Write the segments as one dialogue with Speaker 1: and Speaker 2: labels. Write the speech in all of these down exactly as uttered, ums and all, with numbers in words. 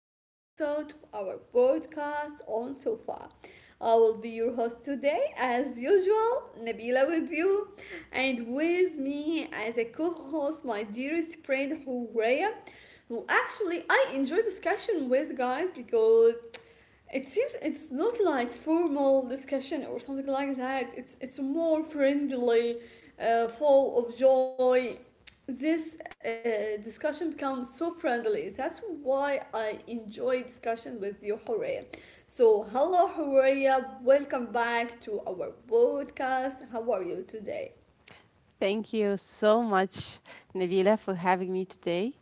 Speaker 1: new episode of our podcast on Sofa. I will be your host today, as usual, Nabila with you, and with me as a co host, my dearest friend Huraya, who actually I enjoy discussion with guys because it seems it's not like formal discussion or something like that. It's it's more friendly, uh, full of joy, this uh, discussion becomes so friendly. That's why I enjoy discussion with you, Horea. So, hello, Horea. Welcome back to our podcast. How are you today?
Speaker 2: Thank you so much, Nabila, for having me today.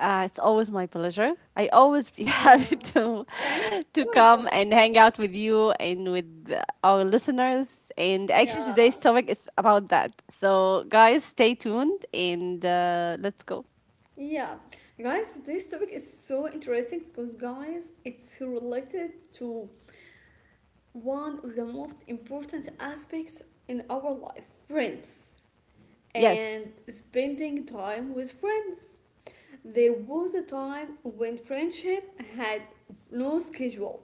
Speaker 2: Uh, it's always my pleasure. I always be
Speaker 1: Yeah.
Speaker 2: happy to
Speaker 1: Thank
Speaker 2: to
Speaker 1: you.
Speaker 2: come
Speaker 1: Go.
Speaker 2: and hang out with you and with our listeners. And actually,
Speaker 1: Yeah.
Speaker 2: today's topic is about that. So, guys, stay tuned and uh, let's go.
Speaker 1: Yeah. Guys, today's topic is so interesting because, guys, it's related to one of the most important aspects in our life friends
Speaker 2: Yes,
Speaker 1: and spending time with friends. There was a time when friendship had no schedule.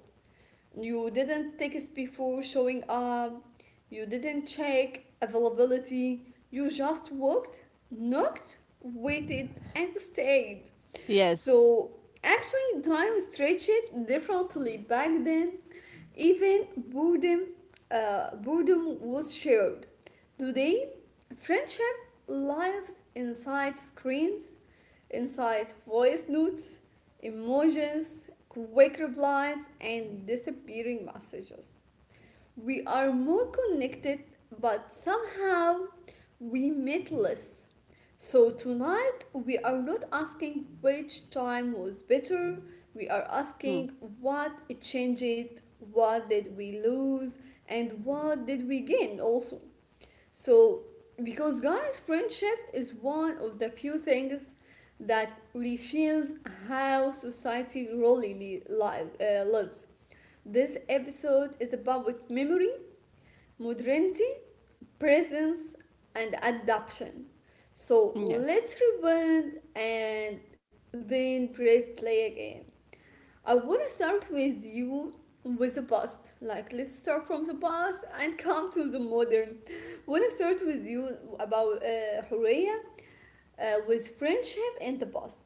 Speaker 1: You didn't text before showing up, you didn't check availability, you just walked, knocked, waited, and stayed.
Speaker 2: yes,
Speaker 1: So, actually, time stretched differently back then. Even boredom, uh, boredom was shared. Today, friendship lives inside screens, inside voice notes, emojis, quick replies, and disappearing messages. We are more connected, but somehow we meet less. So tonight we are not asking which time was better, we are
Speaker 2: mm,
Speaker 1: asking what it changed, what did we lose, and what did we gain also. So, because guys, friendship is one of the few things that reveals how society really li- li- uh, lives. This episode is about memory, modernity, presence, and adaptation. So,
Speaker 2: yes.
Speaker 1: let's rewind and then press play again. I want to start with you with the past. Like, let's start from the past and come to the modern. Want to start with you about uh, Horea uh, with friendship in the past.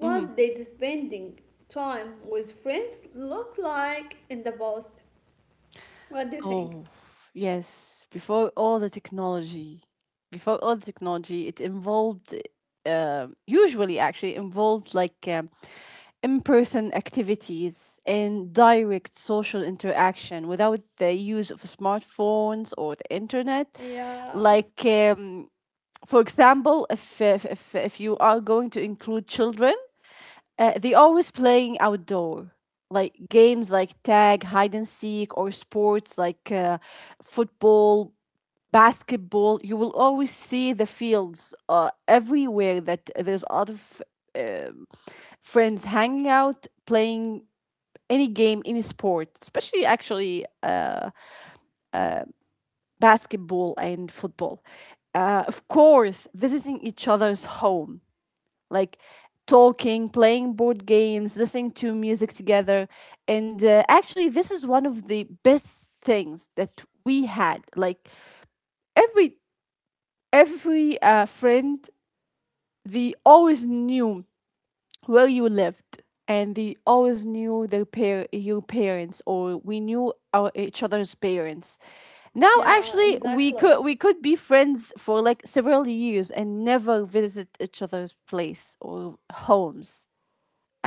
Speaker 2: Mhm.
Speaker 1: did spending time with friends look like in the past? What do you think?
Speaker 2: Oh, yes. Before all the technology, before all the technology, it involved, um usually actually involved like um, in person activities and direct social interaction without the use of smartphones or the internet.
Speaker 1: Yeah,
Speaker 2: Like, um, for example, if, if, if, if you are going to include children, uh, they always playing outdoor, like games like tag, hide and seek, or sports like uh, football, basketball. You will always see the fields uh, everywhere that there's a lot of um, friends hanging out, playing any game, any sport, especially actually uh, basketball and football. Uh, of course, visiting each other's home like talking, playing board games, listening to music together. And uh, actually, this is one of the best things that we had. Like every every uh, friend, they always knew where you lived, and they always knew their par- your parents, or we knew our each other's parents. Now,
Speaker 1: yeah,
Speaker 2: actually, we
Speaker 1: exactly.
Speaker 2: could we could be friends for like several years and never visit each other's place or homes.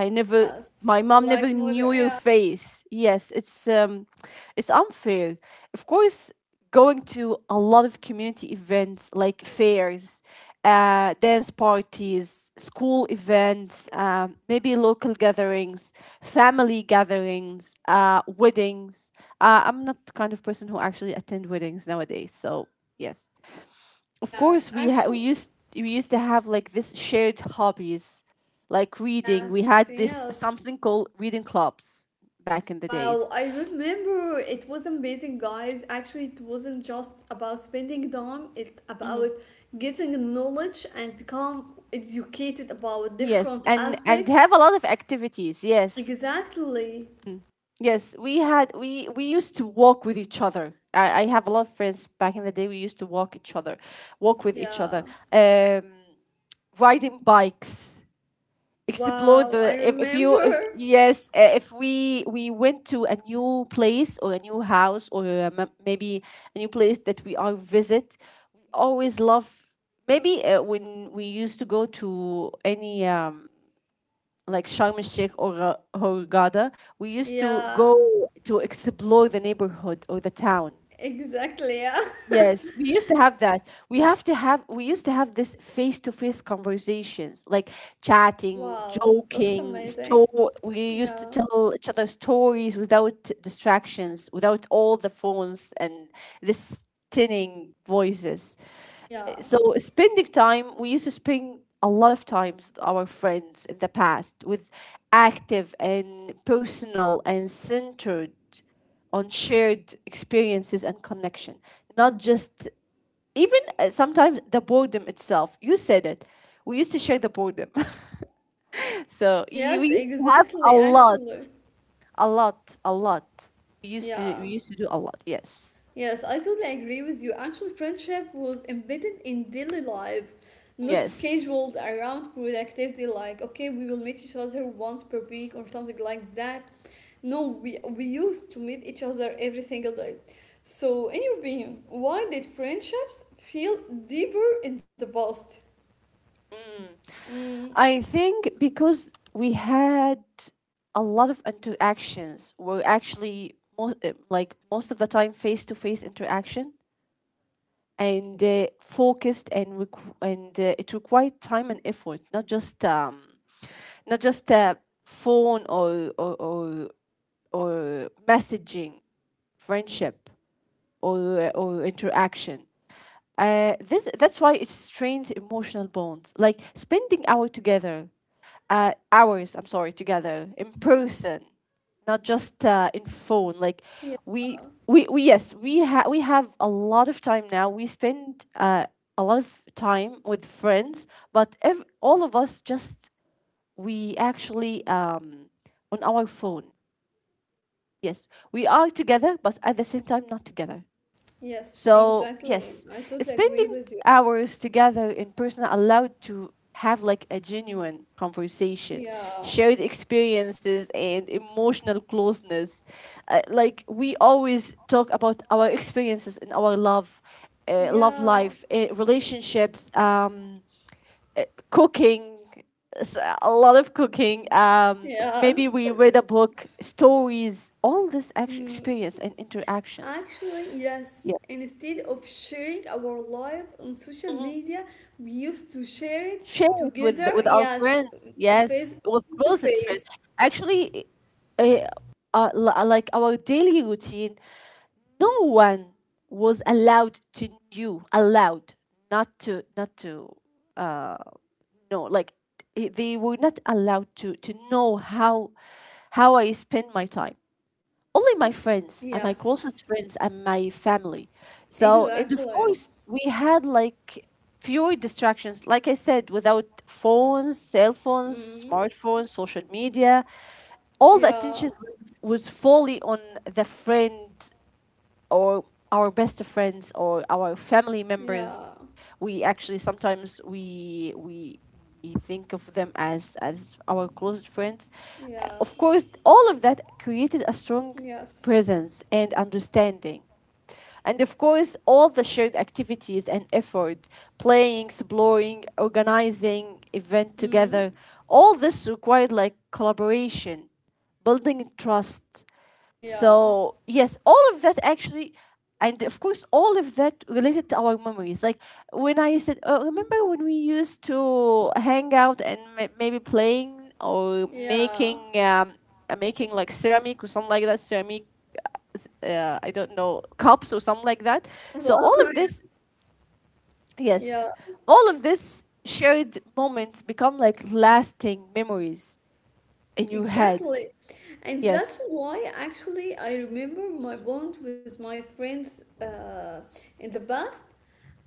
Speaker 2: I never my
Speaker 1: Yes,
Speaker 2: mom never
Speaker 1: like
Speaker 2: knew
Speaker 1: modern.
Speaker 2: your
Speaker 1: Yeah,
Speaker 2: face. Yes, it's um it's unfair. Of course, going to a lot of community events like fairs, uh, dance parties, school events, um, maybe local gatherings, family gatherings, uh, weddings. Uh, I'm not the kind of person who actually attend weddings nowadays. So yes, of
Speaker 1: yeah,
Speaker 2: course we ha- we
Speaker 1: actually,
Speaker 2: used we used to have like this shared hobbies like reading we had
Speaker 1: yes,
Speaker 2: this
Speaker 1: yes.
Speaker 2: something called reading clubs back in the
Speaker 1: Wow,
Speaker 2: days.
Speaker 1: I remember it was amazing, guys. Actually, it wasn't just about spending time, it about
Speaker 2: Mhm.
Speaker 1: getting knowledge and become educated about
Speaker 2: Yes,
Speaker 1: different
Speaker 2: and and
Speaker 1: aspects.
Speaker 2: have a lot of activities. Yes,
Speaker 1: Exactly.
Speaker 2: yes we had we we used to walk with each other i, I have a lot of friends back in the day we used to walk each other, walk with each other
Speaker 1: Yeah.
Speaker 2: um riding bikes, explore
Speaker 1: Wow,
Speaker 2: the
Speaker 1: I
Speaker 2: if, if you if,
Speaker 1: remember.
Speaker 2: yes uh, if we we went to a new place or a new house or a, m- maybe a new place that we are visit, we always love. Maybe uh, when we used to go to any um like Sharm el Sheikh or uh, or Hurghada, we used to
Speaker 1: Yeah.
Speaker 2: go to explore the neighborhood or the town.
Speaker 1: Exactly. Yeah.
Speaker 2: Yes, we used to have that. We have to have we used to have this face-to-face conversations, like chatting,
Speaker 1: Wow, it looks
Speaker 2: joking,
Speaker 1: amazing.
Speaker 2: sto- we used to
Speaker 1: Yeah.
Speaker 2: tell each other stories without distractions, without all the phones and this tinning voices.
Speaker 1: Yeah.
Speaker 2: So spending time, we used to spend a lot of times with our friends in the past with active and personal and centered on shared experiences and connection, not just, even uh, sometimes the boredom itself, you said it, we used to share the boredom. So you, we
Speaker 1: Yes,
Speaker 2: used to have a
Speaker 1: exactly,
Speaker 2: lot,
Speaker 1: actually.
Speaker 2: a lot a lot we used to we
Speaker 1: Yeah.
Speaker 2: used to do a lot, yes,
Speaker 1: Yes, I totally agree with you. Actual friendship was embedded in daily life, not
Speaker 2: yes.
Speaker 1: scheduled around productivity, like, okay, we will meet each other once per week or something like that. No, we, we used to meet each other every single day. So, in your opinion, why did friendships feel deeper in the past? Mm,
Speaker 2: I think because we had a lot of interactions were actually most, like most of the time face to face interaction and uh, focused and requ- and uh, it required time and effort, not just um not just uh, phone or or, or or messaging, friendship or or interaction. Uh, this, that's why it strains emotional bonds like spending hour together uh, hours, I'm sorry, together in person, not just uh, in phone. Like
Speaker 1: yeah.
Speaker 2: we, we, we yes, we ha- we have a lot of time now. We spend uh, a lot of time with friends, but ev- all of us just we actually um, on our phone. Yes, we are together, but at the same time not together.
Speaker 1: Yes,
Speaker 2: So
Speaker 1: exactly. I
Speaker 2: yes,
Speaker 1: totally agree with
Speaker 2: spending
Speaker 1: you.
Speaker 2: hours together in person allowed to have like a genuine conversation,
Speaker 1: Yeah.
Speaker 2: shared experiences, and emotional closeness. Uh, like we always talk about our experiences in our love, uh, love
Speaker 1: Yeah.
Speaker 2: life, uh, relationships, um, cooking. s- A lot of cooking. Um, maybe
Speaker 1: Yes.
Speaker 2: we read a book, stories, all this actual
Speaker 1: Mm.
Speaker 2: experience and interactions.
Speaker 1: Actually, yes.
Speaker 2: Yeah.
Speaker 1: Instead of sharing our life on social media, we used to share it
Speaker 2: Share it with
Speaker 1: together,
Speaker 2: with our
Speaker 1: yes,
Speaker 2: friends. Yes,
Speaker 1: face
Speaker 2: with
Speaker 1: to
Speaker 2: closet friends.
Speaker 1: face.
Speaker 2: Actually, uh, uh, li- uh, like our daily routine, no one was allowed to knew allowed not to not to uh, know like eh, they were not allowed to to know how how I spend my time. Only my friends and my closest
Speaker 1: Yes,
Speaker 2: friends and my family. So, and of
Speaker 1: exactly.
Speaker 2: course, we had like fewer distractions. Like I said, without phones, cell
Speaker 1: Mm,
Speaker 2: phones, smartphones, social media, all the
Speaker 1: yeah,
Speaker 2: attention was was fully on the friend or our best friends or our family
Speaker 1: yeah,
Speaker 2: members. We actually sometimes we we we think of them as as our closest friends. Uh,
Speaker 1: yeah,
Speaker 2: of course all of that created a strong
Speaker 1: yes.
Speaker 2: presence and understanding, and of course all the shared activities and effort, playing, exploring, organizing event
Speaker 1: Mm,
Speaker 2: together, all this required like collaboration, building trust.
Speaker 1: yeah,
Speaker 2: So yes, all of that actually, and of course, all of that related to our memories. Like when I said, oh, remember when we used to hang out and ma- maybe playing or
Speaker 1: yeah.
Speaker 2: making um uh, making like ceramic or something like that, ceramic. Uh, uh, I don't know, cups or something like that. So all of this,
Speaker 1: Yeah,
Speaker 2: yes, all of this shared moments become like lasting memories in your head.
Speaker 1: exactly. And that's
Speaker 2: Yes,
Speaker 1: why actually I remember my bond with my friends uh, in the past.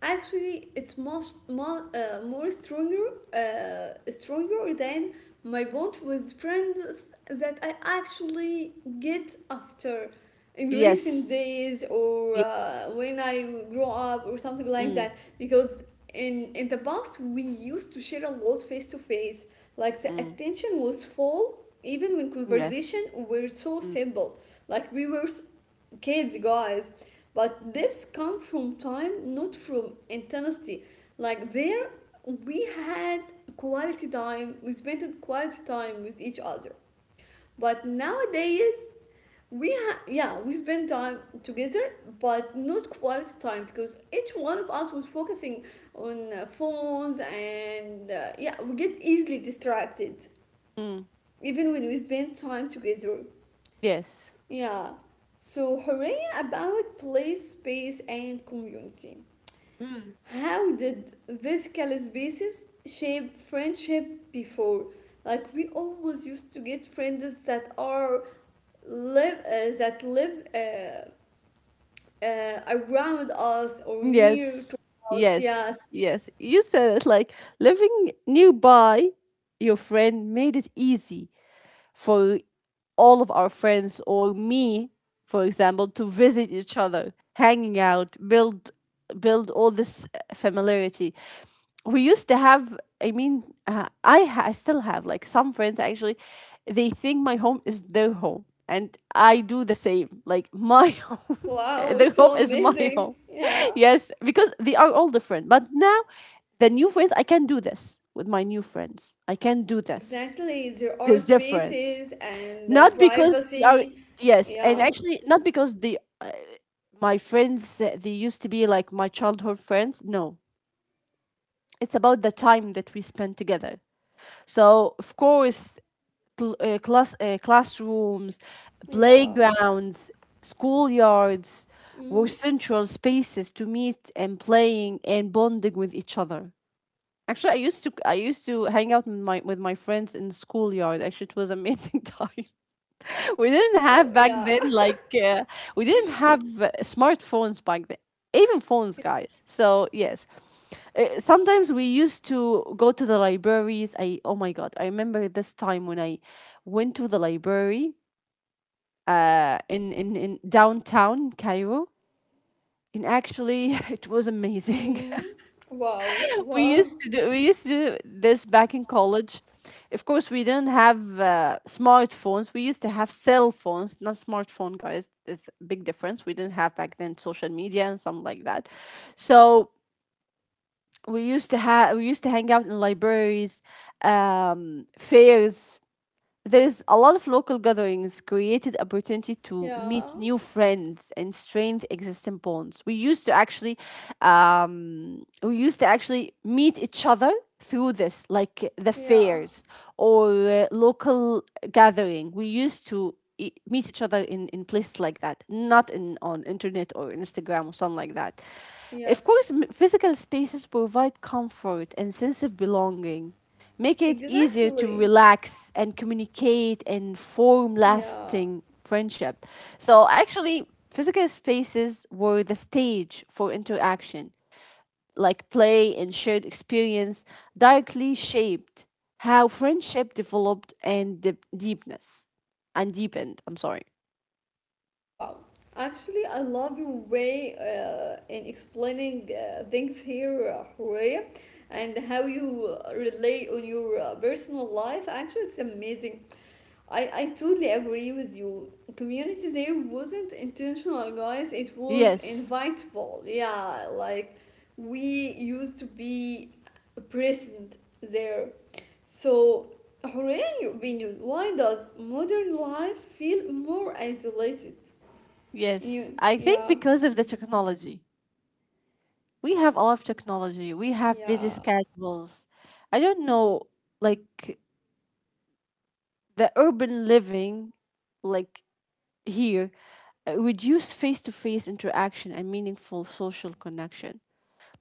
Speaker 1: Actually, it's much more, uh, more stronger, uh, stronger than my bond with friends that I actually get after in recent
Speaker 2: yes,
Speaker 1: days or
Speaker 2: yeah.
Speaker 1: uh, when I grow up or something like
Speaker 2: Mm,
Speaker 1: that. Because in in the past we used to share a lot face to face, like the
Speaker 2: mm.
Speaker 1: attention was full even when
Speaker 2: Yes.
Speaker 1: conversation were so
Speaker 2: Mm.
Speaker 1: simple like we were s- kids guys but depths come from time not from intensity like there we had quality time we spent quality time with each other but nowadays we ha- yeah we spend time together but not quality time because each one of us was focusing on uh, phones and uh, yeah we get easily distracted
Speaker 2: Mm.
Speaker 1: even when we spend time together
Speaker 2: Yes.
Speaker 1: yeah. So, Horea, about place, space, and community. How did physical spaces shape friendship before? Like we always used to get friends that are live uh, that lives uh, uh, around us or near to
Speaker 2: Yes.
Speaker 1: us. Yes.
Speaker 2: Yes. Yes. You said it. Like living nearby your friend made it easy for all of our friends or me, for example, to visit each other, hanging out, build build all this eh, familiarity. We used to have, I mean uh, I, ha- I still have like some friends actually they think my home is their home and I do the same, like my home,
Speaker 1: Wow,
Speaker 2: their
Speaker 1: it's
Speaker 2: home
Speaker 1: so
Speaker 2: is my
Speaker 1: amazing.
Speaker 2: home.
Speaker 1: Yeah.
Speaker 2: Yes, because they are all different, but now the new friends, I can do this, with my new friends I can do this,
Speaker 1: Exactly. There are
Speaker 2: this difference,
Speaker 1: spaces and uh,
Speaker 2: not because they are,
Speaker 1: privacy.
Speaker 2: yes, and
Speaker 1: Yeah.
Speaker 2: actually not because they, my friends uh, they used to be like my childhood friends, no, it's about the time that we spend together. So of course, cl- uh, class uh, classrooms,
Speaker 1: Yeah.
Speaker 2: playgrounds, schoolyards
Speaker 1: Mm.
Speaker 2: were central spaces to meet and playing and bonding with each other. Actually, I used to I used to hang out with my with my friends in the schoolyard. Actually, it was amazing time. We didn't
Speaker 1: Wow,
Speaker 2: have back
Speaker 1: yeah.
Speaker 2: then like uh, we didn't have uh, smartphones back then, even phones, guys. So yes, uh, sometimes we used to go to the libraries. I, oh my god, I remember this time when I went to the library uh in in, in downtown Cairo, and actually it was amazing.
Speaker 1: Mm, wow,
Speaker 2: We
Speaker 1: wow.
Speaker 2: used to do, we used to do this back in college. Of course we didn't have uh, smartphones, we used to have cell phones, not smartphone, guys, there's a big difference. We didn't have back then social media and something like that. So we used to have, we used to hang out in libraries, um, fairs. There's a lot of local gatherings created opportunity to meet
Speaker 1: Yeah,
Speaker 2: new friends and strengthen existing bonds. We used to actually, um, we used to actually meet each other through this, like the
Speaker 1: yeah,
Speaker 2: fairs or uh, local gathering. We used to e- meet each other in, in places like that, not in, on internet or Instagram or something like that. Of course,
Speaker 1: yes.
Speaker 2: m- physical spaces provide comfort and sense of belonging. Make it easier to
Speaker 1: Exactly.
Speaker 2: relax and communicate and form
Speaker 1: Yeah,
Speaker 2: lasting friendship. So actually, physical spaces were the stage for interaction, like play and shared experience directly shaped how friendship developed and deep deepness and deepened. I'm sorry.
Speaker 1: wow. Actually, I love your way uh, in explaining uh, things here, uh, Horea, and how you uh, relate on your uh, personal life. Actually, it's amazing. I, I totally agree with you. Community there wasn't intentional, guys. It was
Speaker 2: Yes,
Speaker 1: invitable. Yeah, like we used to be present there. So, Hooray, in your opinion, why does modern life feel more isolated?
Speaker 2: yes.
Speaker 1: You,
Speaker 2: I think
Speaker 1: yeah,
Speaker 2: because of the technology, we have a lot of technology. We have busy
Speaker 1: yeah,
Speaker 2: schedules. I don't know, like the urban living, like here, uh, reduce face to face interaction and meaningful social connection.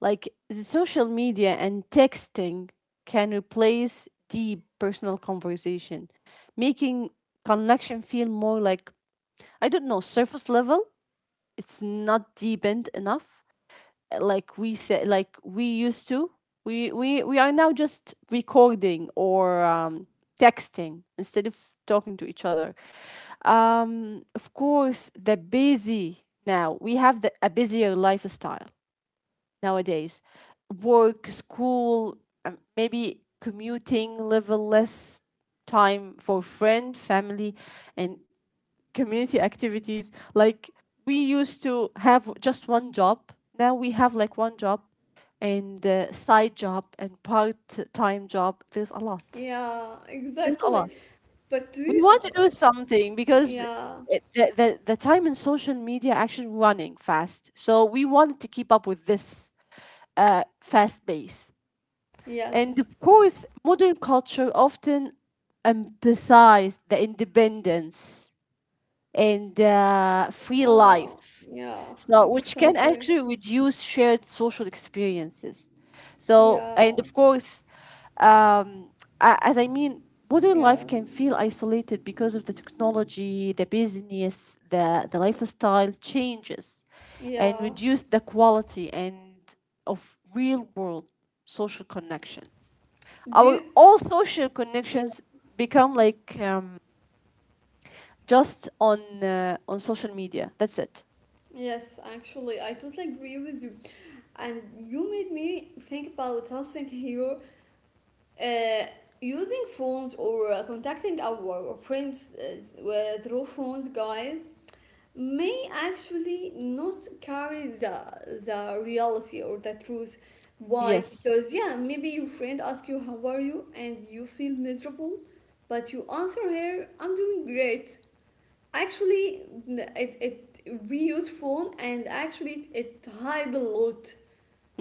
Speaker 2: Like the social media and texting can replace deep personal conversation, making connection feel more like, I don't know, surface level. It's not deepened enough like we said, like we used to, we we we are now just recording or um texting instead of talking to each other. Um of course the busy, now we have the, a busier lifestyle nowadays, work, school, um, maybe commuting level, less time for friend, family, and community activities. Like we used to have just one job. Now we have like one job and uh, side job and part-time job. There's a lot.
Speaker 1: yeah,
Speaker 2: There's a
Speaker 1: exactly.
Speaker 2: lot.
Speaker 1: But do
Speaker 2: We
Speaker 1: you,
Speaker 2: want to do something because
Speaker 1: yeah,
Speaker 2: it, the, the the time in social media actually running fast. So we want to keep up with this uh, fast pace. And
Speaker 1: yes,
Speaker 2: of course, modern culture often emphasizes the independence and uh, free
Speaker 1: uh,
Speaker 2: life.
Speaker 1: yeah,
Speaker 2: So, which can
Speaker 1: unfortunately,
Speaker 2: actually reduce shared social experiences. So,
Speaker 1: yeah,
Speaker 2: and of course, um, a- as I mean, modern life
Speaker 1: yeah.
Speaker 2: can feel isolated because of the technology, the business, the, the lifestyle changes, and
Speaker 1: Yeah.
Speaker 2: reduce the quality and of real world social connection.
Speaker 1: Do
Speaker 2: Our
Speaker 1: you?
Speaker 2: all social
Speaker 1: Yeah.
Speaker 2: connections become like um, just on uh, on social media. That's it.
Speaker 1: Yes, actually, I totally agree with you. And you made me think about something here. Uh, Using phones or uh, contacting our friends uh, with- through phones, guys, may actually not carry the the reality or the truth. Why?
Speaker 2: Yes.
Speaker 1: Because yeah, maybe your friend asks you how are you, and you feel miserable, but you answer her, I'm doing great. Actually, it, it we use phone and actually it, it hide a lot.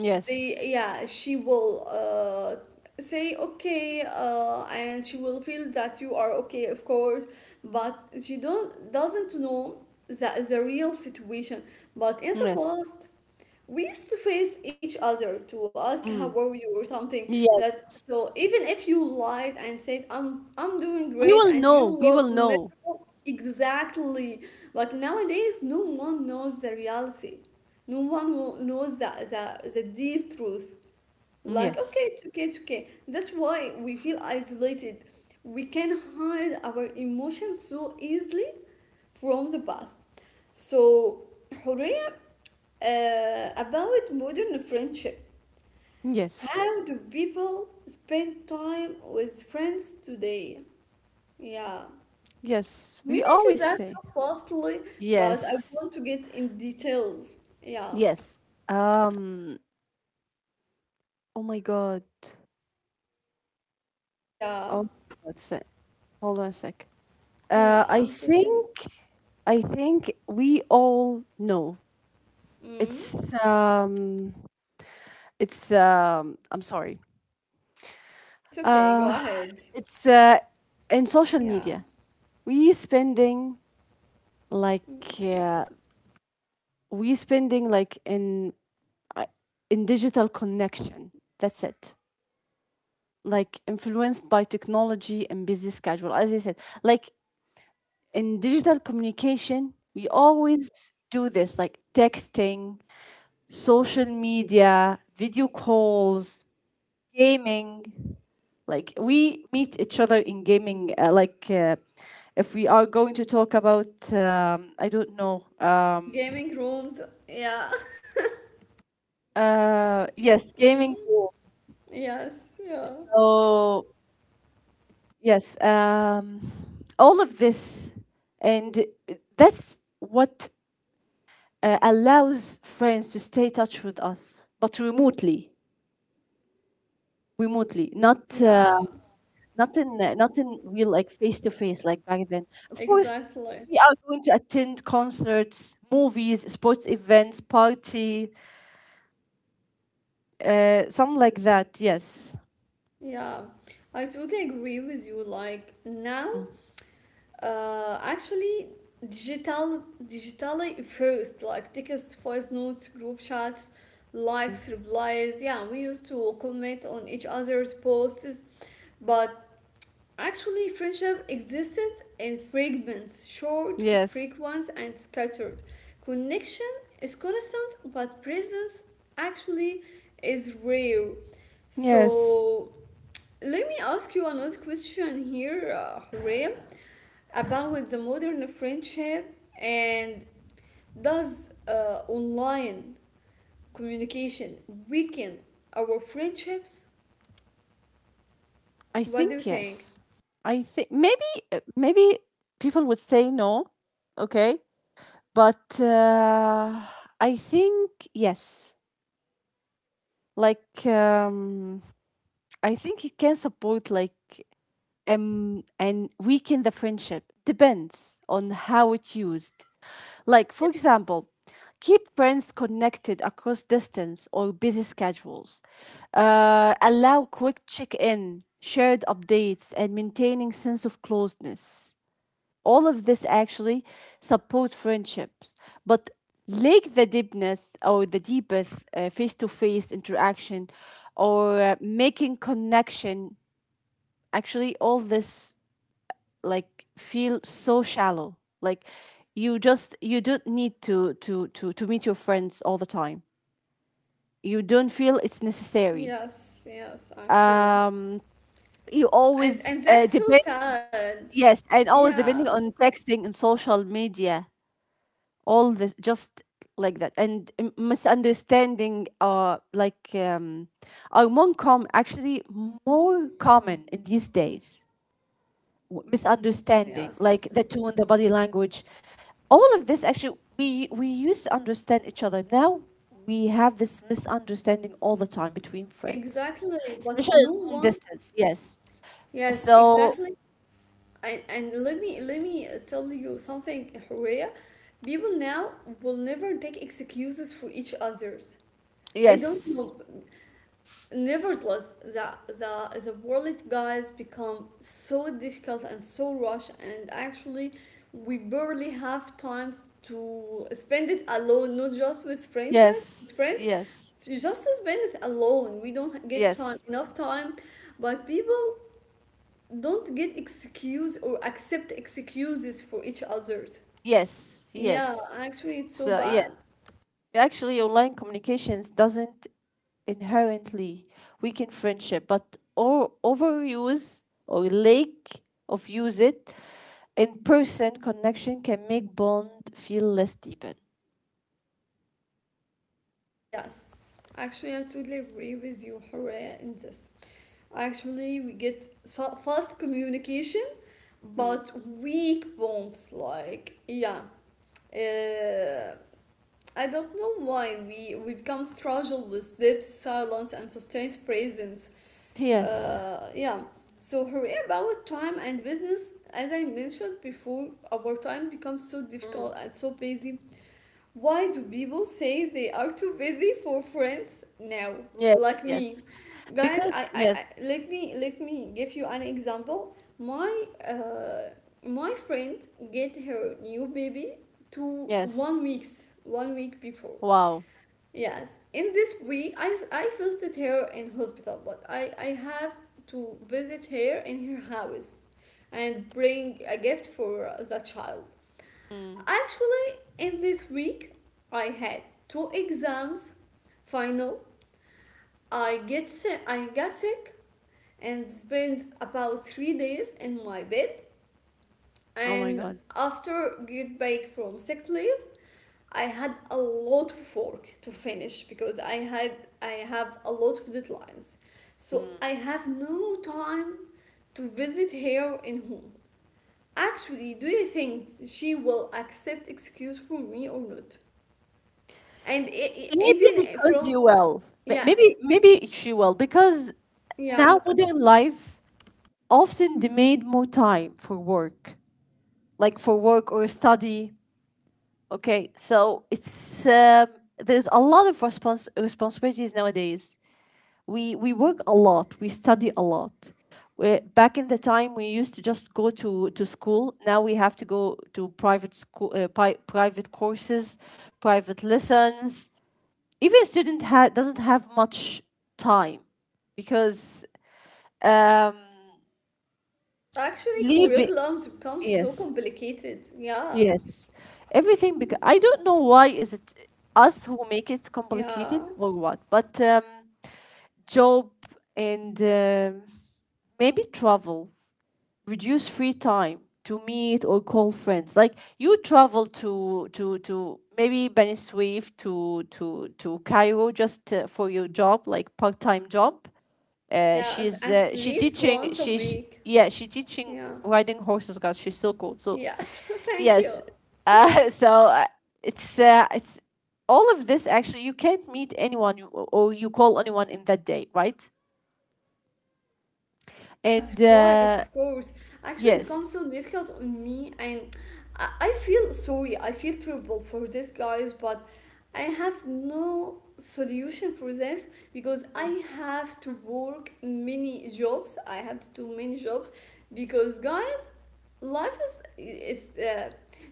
Speaker 2: Yes.
Speaker 1: They yeah, she will uh say okay uh and she will feel that you are okay of course, but she don't doesn't know the the real situation. But in the
Speaker 2: Yes.
Speaker 1: past, we used to face each other to ask how
Speaker 2: Mm.
Speaker 1: were you or something that
Speaker 2: Yes.
Speaker 1: so even if you lied and said i'm i'm doing
Speaker 2: We
Speaker 1: great
Speaker 2: will
Speaker 1: and you
Speaker 2: know. We will
Speaker 1: look
Speaker 2: know.
Speaker 1: miserable exactly but nowadays no one knows the reality no one wo- knows the, the, the deep truth like, okay,
Speaker 2: Yes.
Speaker 1: it's okay, it's okay. That's why we feel isolated. We can hide our emotions so easily from the past. So, Horea, uh, about modern friendship.
Speaker 2: Yes.
Speaker 1: How do people spend time with friends today? Yeah,
Speaker 2: Yes.
Speaker 1: we
Speaker 2: We
Speaker 1: mentioned
Speaker 2: always
Speaker 1: that
Speaker 2: say
Speaker 1: so fastly, but I
Speaker 2: yes.
Speaker 1: want to get in details. Yeah,
Speaker 2: Yes. Um. Oh my god.
Speaker 1: yeah,
Speaker 2: Oh. my god. It. Hold on a sec. Uh.
Speaker 1: yeah,
Speaker 2: I
Speaker 1: I'm totally.
Speaker 2: think. I think we all know.
Speaker 1: Mm,
Speaker 2: It's um. It's um. I'm sorry.
Speaker 1: it's okay,
Speaker 2: Uh.
Speaker 1: go ahead.
Speaker 2: It's uh. In social
Speaker 1: Yeah.
Speaker 2: media, we spending like uh, we spending like in uh, in digital connection, that's it, like influenced by technology and busy schedule as I said, like in digital communication we always do this, like texting, social media, video calls, gaming, like we meet each other in gaming, uh, like uh, if we are going to talk about um, I don't know, um,
Speaker 1: Gaming rooms. Yeah.
Speaker 2: Uh, yes,
Speaker 1: Mm.
Speaker 2: gaming room.
Speaker 1: Yes. Yeah.
Speaker 2: So yes, um, all of this, and that's what uh, allows friends to stay in touch with us, but remotely, remotely, not uh,
Speaker 1: Yeah.
Speaker 2: not in not in real, like face to face, like back then. Of course,
Speaker 1: Exactly.
Speaker 2: we are going to attend concerts, movies, sports events, party, uh, something like that. Yes,
Speaker 1: Yeah. I totally agree with you. Like now,
Speaker 2: Mm.
Speaker 1: uh, actually, digital, digitally first, like tickets, voice notes, group chats, likes, replies. Yeah, we used to comment on each other's posts, but actually, friendship existed in fragments, short,
Speaker 2: yes,
Speaker 1: frequent, and scattered. Connection is constant, but presence actually is rare.
Speaker 2: yes.
Speaker 1: So, let me ask you another question here, uh, Hurrem, about the modern friendship and does uh, online communication weaken our friendships?
Speaker 2: I
Speaker 1: What do you
Speaker 2: think
Speaker 1: think?
Speaker 2: yes. I think maybe maybe people would say no, okay? But uh, I think yes. Like um, I think it can support like um, and weaken the friendship. Depends on how it's used. Like, for example, keep friends connected across distance or busy schedules. Uh, allow quick check in, shared updates, and maintaining sense of closeness. All of this actually support friendships, but lack the deepness or the deepest face to face interaction or uh, making connection. Actually, all this like feel so shallow, like you just you don't need to to to to meet your friends all the time, you don't feel it's necessary.
Speaker 1: Yes, yes, actually.
Speaker 2: um you
Speaker 1: And
Speaker 2: always
Speaker 1: and
Speaker 2: uh,
Speaker 1: that's so
Speaker 2: depend,
Speaker 1: sad.
Speaker 2: yes, and always
Speaker 1: Yeah.
Speaker 2: depending on texting and social media, all this just like that, and m- misunderstanding are like um are more com actually more common in these days. W-
Speaker 1: Yes,
Speaker 2: misunderstanding,
Speaker 1: yes.
Speaker 2: like the tone, the body language, all of this actually we we used to understand each other. Now we have this misunderstanding all the time between friends,
Speaker 1: Exactly. But no
Speaker 2: especially long
Speaker 1: one.
Speaker 2: distance. Yes.
Speaker 1: Yes,
Speaker 2: So
Speaker 1: exactly. And, and let me let me tell you something, Horea. People now will never take excuses for each others. I don't
Speaker 2: yes,
Speaker 1: know. Nevertheless, the, the, the wallet guys become so difficult and so rush, and actually, we barely have times to spend it alone, not just with friendship, with
Speaker 2: yes,
Speaker 1: friends,
Speaker 2: yes,
Speaker 1: just to spend it alone. We don't get time
Speaker 2: yes,
Speaker 1: enough time, but people don't get excuse or accept excuses for each others.
Speaker 2: yes,
Speaker 1: Yeah,
Speaker 2: yes.
Speaker 1: actually, it's so
Speaker 2: So yeah,
Speaker 1: bad.
Speaker 2: actually, online communications doesn't inherently weaken friendship, but or overuse or lack of use it in person connection can make bond feel less deepen.
Speaker 1: Yes, actually, I totally agree with you, Hooray, in this. Actually, we get so- fast communication,
Speaker 2: Mm.
Speaker 1: but weak bonds. Like, yeah, uh, I don't know why we we become struggle with depth, silence, and sustained presence.
Speaker 2: Yes.
Speaker 1: Uh, yeah. So hurry about time and business, as I mentioned before, our time becomes so difficult and so busy why do people say they are too busy for friends now?
Speaker 2: Yes.
Speaker 1: Like
Speaker 2: Yes.
Speaker 1: me. Guys,
Speaker 2: Because
Speaker 1: I, I,
Speaker 2: yes.
Speaker 1: I let me let me give you an example. My uh, my friend get her new baby to
Speaker 2: Yes.
Speaker 1: one weeks one week before.
Speaker 2: Wow.
Speaker 1: Yes. In this week I, s- I visited her in hospital, but I, I have to visit her in her house and bring a gift for the child.
Speaker 2: Mm.
Speaker 1: Actually, in this week, I had two exams. Final, I get sick, I got sick and spent about three days in my bed.
Speaker 2: Oh
Speaker 1: And
Speaker 2: my god.
Speaker 1: after get back from sick leave, I had a lot of work to finish because I had I have a lot of deadlines. So
Speaker 2: Mm.
Speaker 1: I have no time to visit her in home. Actually, do you think she will accept excuse from me or not? And e- e-
Speaker 2: Maybe
Speaker 1: even
Speaker 2: because
Speaker 1: from
Speaker 2: you will. But
Speaker 1: yeah,
Speaker 2: maybe maybe she will, because
Speaker 1: yeah,
Speaker 2: now modern life often demand more time for work, like for work or study. Okay, so it's um, there's a lot of respons- responsibilities nowadays. We we work a lot. We study a lot. We back in the time, we used to just go to, to school. Now we have to go to private school, uh, pi- private courses, private lessons. Even a student ha- doesn't have much time because um,
Speaker 1: actually
Speaker 2: leaving.
Speaker 1: curriculums become so
Speaker 2: Yes.
Speaker 1: complicated, yeah,
Speaker 2: Yes, everything, because I don't know why is it us who make it
Speaker 1: yeah,
Speaker 2: complicated or what, but um, job and um maybe travel reduce free time to meet or call friends. Like you travel to to to maybe Beni Suef to to to Cairo just uh, for your job, like part-time job. uh,
Speaker 1: yeah,
Speaker 2: she's
Speaker 1: at
Speaker 2: uh, she
Speaker 1: least
Speaker 2: teaching
Speaker 1: once a
Speaker 2: she, she
Speaker 1: week,
Speaker 2: yeah she teaching
Speaker 1: yeah,
Speaker 2: riding horses, guys, she's so cool. So
Speaker 1: yes. Thank you.
Speaker 2: yes, uh, so uh, it's uh, it's all of this, actually you can't meet anyone you, or you call anyone in that day, right?
Speaker 1: That's
Speaker 2: And
Speaker 1: right, of
Speaker 2: uh,
Speaker 1: course. Actually, it becomes
Speaker 2: yes.
Speaker 1: so difficult on me, and I, I feel sorry. I feel terrible for these guys, but I have no solution for this because
Speaker 2: Mm.
Speaker 1: I have to work many jobs. I have to do many jobs because guys, life is is uh,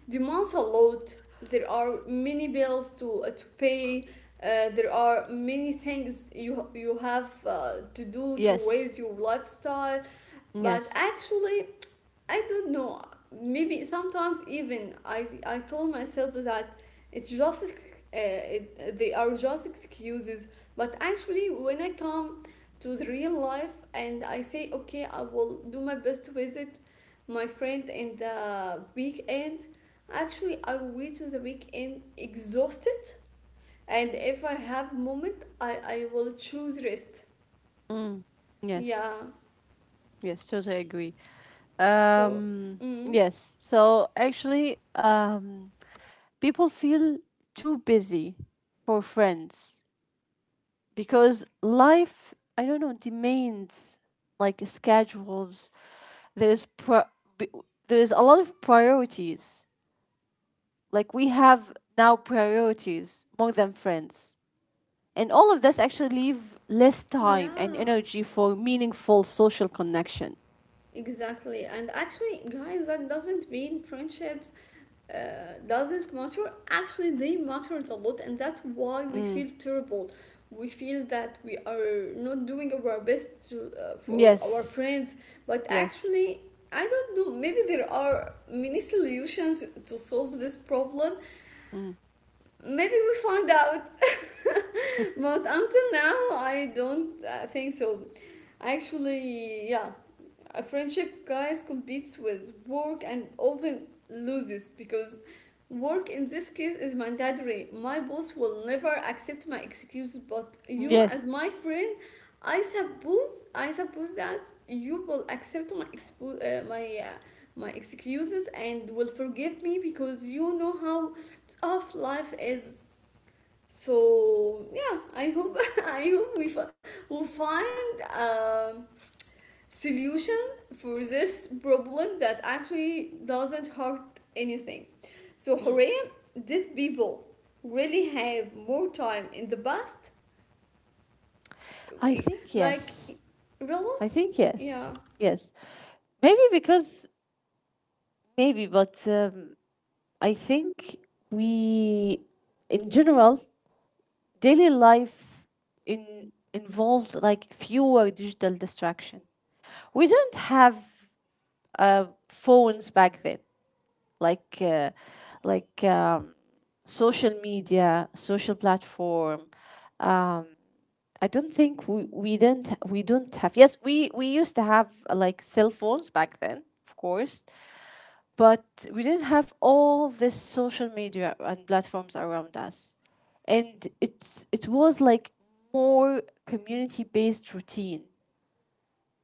Speaker 1: demands a lot. There are many bills to uh, to pay. Uh, there are many things you you have uh, to do to
Speaker 2: Yes
Speaker 1: raise your lifestyle but
Speaker 2: yes
Speaker 1: actually I don't know maybe sometimes even i i told myself that it's just ex- uh, it, they are just excuses but actually when I come to the real life and I say okay I will do my best to visit my friend in the weekend actually I will reach the weekend exhausted and if I have moment i i will choose rest, yeah,
Speaker 2: yes yes totally agree.
Speaker 1: so,
Speaker 2: um
Speaker 1: mm,
Speaker 2: yes, so actually, um people feel too busy for friends because life, I don't know, demands, like schedules, there's pro- b- there's a lot of priorities, like we have now priorities more than friends, and all of this actually leave less time and
Speaker 1: yeah.
Speaker 2: energy for meaningful social connection.
Speaker 1: Exactly. And actually, guys, that doesn't mean friendships uh, doesn't matter. Actually, they matter a lot, and that's why we
Speaker 2: Mm.
Speaker 1: feel terrible. We feel that we are not doing our best to, uh, for our
Speaker 2: Yes
Speaker 1: friends, but
Speaker 2: yes.
Speaker 1: actually, I don't know. Maybe there are many solutions to solve this problem.
Speaker 2: Mm.
Speaker 1: Maybe we find out, but until now, I don't uh, think so. Actually, yeah, a friendship guys competes with work and often loses because work in this case is mandatory. My boss will never accept my excuses, but you
Speaker 2: Yes.
Speaker 1: as my friend, I suppose I suppose that you will accept my expo- uh, my uh, my excuses and will forgive me because you know how tough life is. So yeah, I hope I hope we fi- will find um solution for this problem that actually doesn't hurt anything. So
Speaker 2: Mm.
Speaker 1: hooray, did people really have more time in the past?
Speaker 2: I think
Speaker 1: Like
Speaker 2: yes.
Speaker 1: really?
Speaker 2: I think yes,
Speaker 1: Yeah.
Speaker 2: yes. Maybe because maybe, but um, I think we, in general, daily life in, involved like fewer digital distraction. We don't have uh, phones back then, like uh, like um, social media, social platform. Um, I don't think we, we didn't we don't have, yes, we we used to have uh, like cell phones back then, of course, but we didn't have all this social media and platforms around us, and it's it was like more community based routine,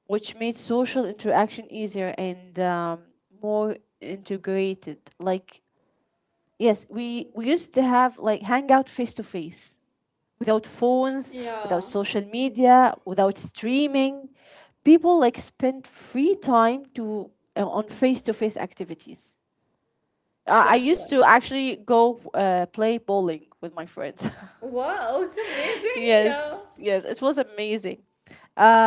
Speaker 2: which made social interaction easier, and um, more integrated, like yes, we we used to have like hangout face to face without phones, without
Speaker 1: Yeah,
Speaker 2: social media, without streaming. People like spent free time to uh, on face to face activities. Uh, I used
Speaker 1: exactly.
Speaker 2: to actually go uh, play bowling with my friends.
Speaker 1: Wow, it's amazing. Yeah.
Speaker 2: Yes, yes, it was amazing.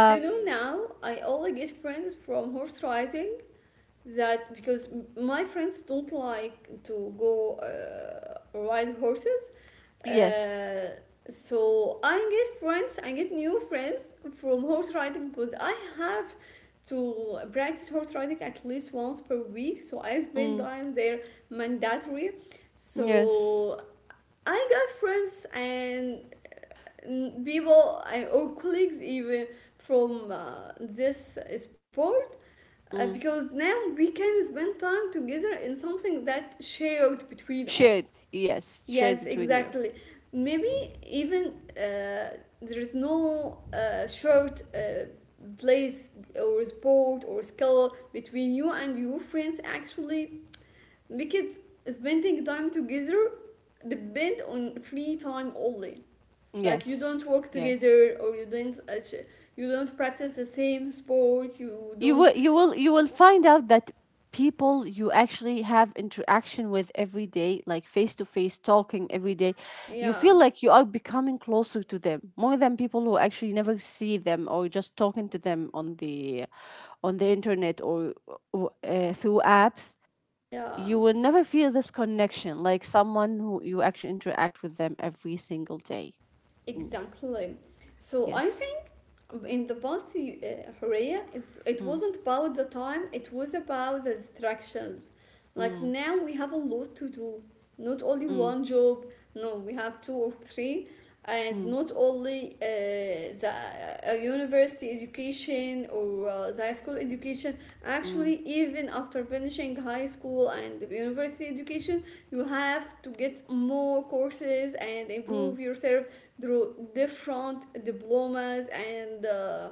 Speaker 1: Do you know now? I only get friends from horse riding. That because my friends don't like to go uh, ride horses.
Speaker 2: yes,
Speaker 1: Uh, so I get friends, I get new friends from horse riding because I have to practice horse riding at least once per week. So I spend
Speaker 2: Mm.
Speaker 1: time there mandatory.
Speaker 2: Yes.
Speaker 1: So I got friends and N- people I, or colleagues even from uh, this sport uh,
Speaker 2: Mm.
Speaker 1: because now we can spend time together in something that shared between
Speaker 2: Shared.
Speaker 1: us
Speaker 2: Yes. Shared
Speaker 1: yes
Speaker 2: between you.
Speaker 1: exactly maybe even uh, there is no uh, short uh, place or sport or skill between you and your friends actually because spending time together depend on free time only like you don't
Speaker 2: Yes,
Speaker 1: work
Speaker 2: yes.
Speaker 1: together or you don't you don't practice the same sport you
Speaker 2: you
Speaker 1: don't
Speaker 2: will you will you will find out that people you actually have interaction with every day, like face to face talking every day, you feel
Speaker 1: yeah
Speaker 2: like you are becoming closer to them more than people who actually never see them or just talking to them on the on the internet, or or, uh, through apps. You
Speaker 1: yeah.
Speaker 2: will never feel this connection like someone who you actually interact with them every single day. Mm.
Speaker 1: Exactly. So I
Speaker 2: Yes.
Speaker 1: think in the past, you- uh, Horea, it, it
Speaker 2: Mm,
Speaker 1: wasn't about the time, it was about the distractions. Like
Speaker 2: mm,
Speaker 1: now we have a lot to do. Not only
Speaker 2: mm,
Speaker 1: one job, no, we have two or three. And
Speaker 2: mm,
Speaker 1: not only uh, the uh, university education or uh, the high school education,
Speaker 2: mm,
Speaker 1: actually, even after finishing high school and the university education, you have to get more courses and
Speaker 2: mm,
Speaker 1: improve yourself through different diplomas and uh,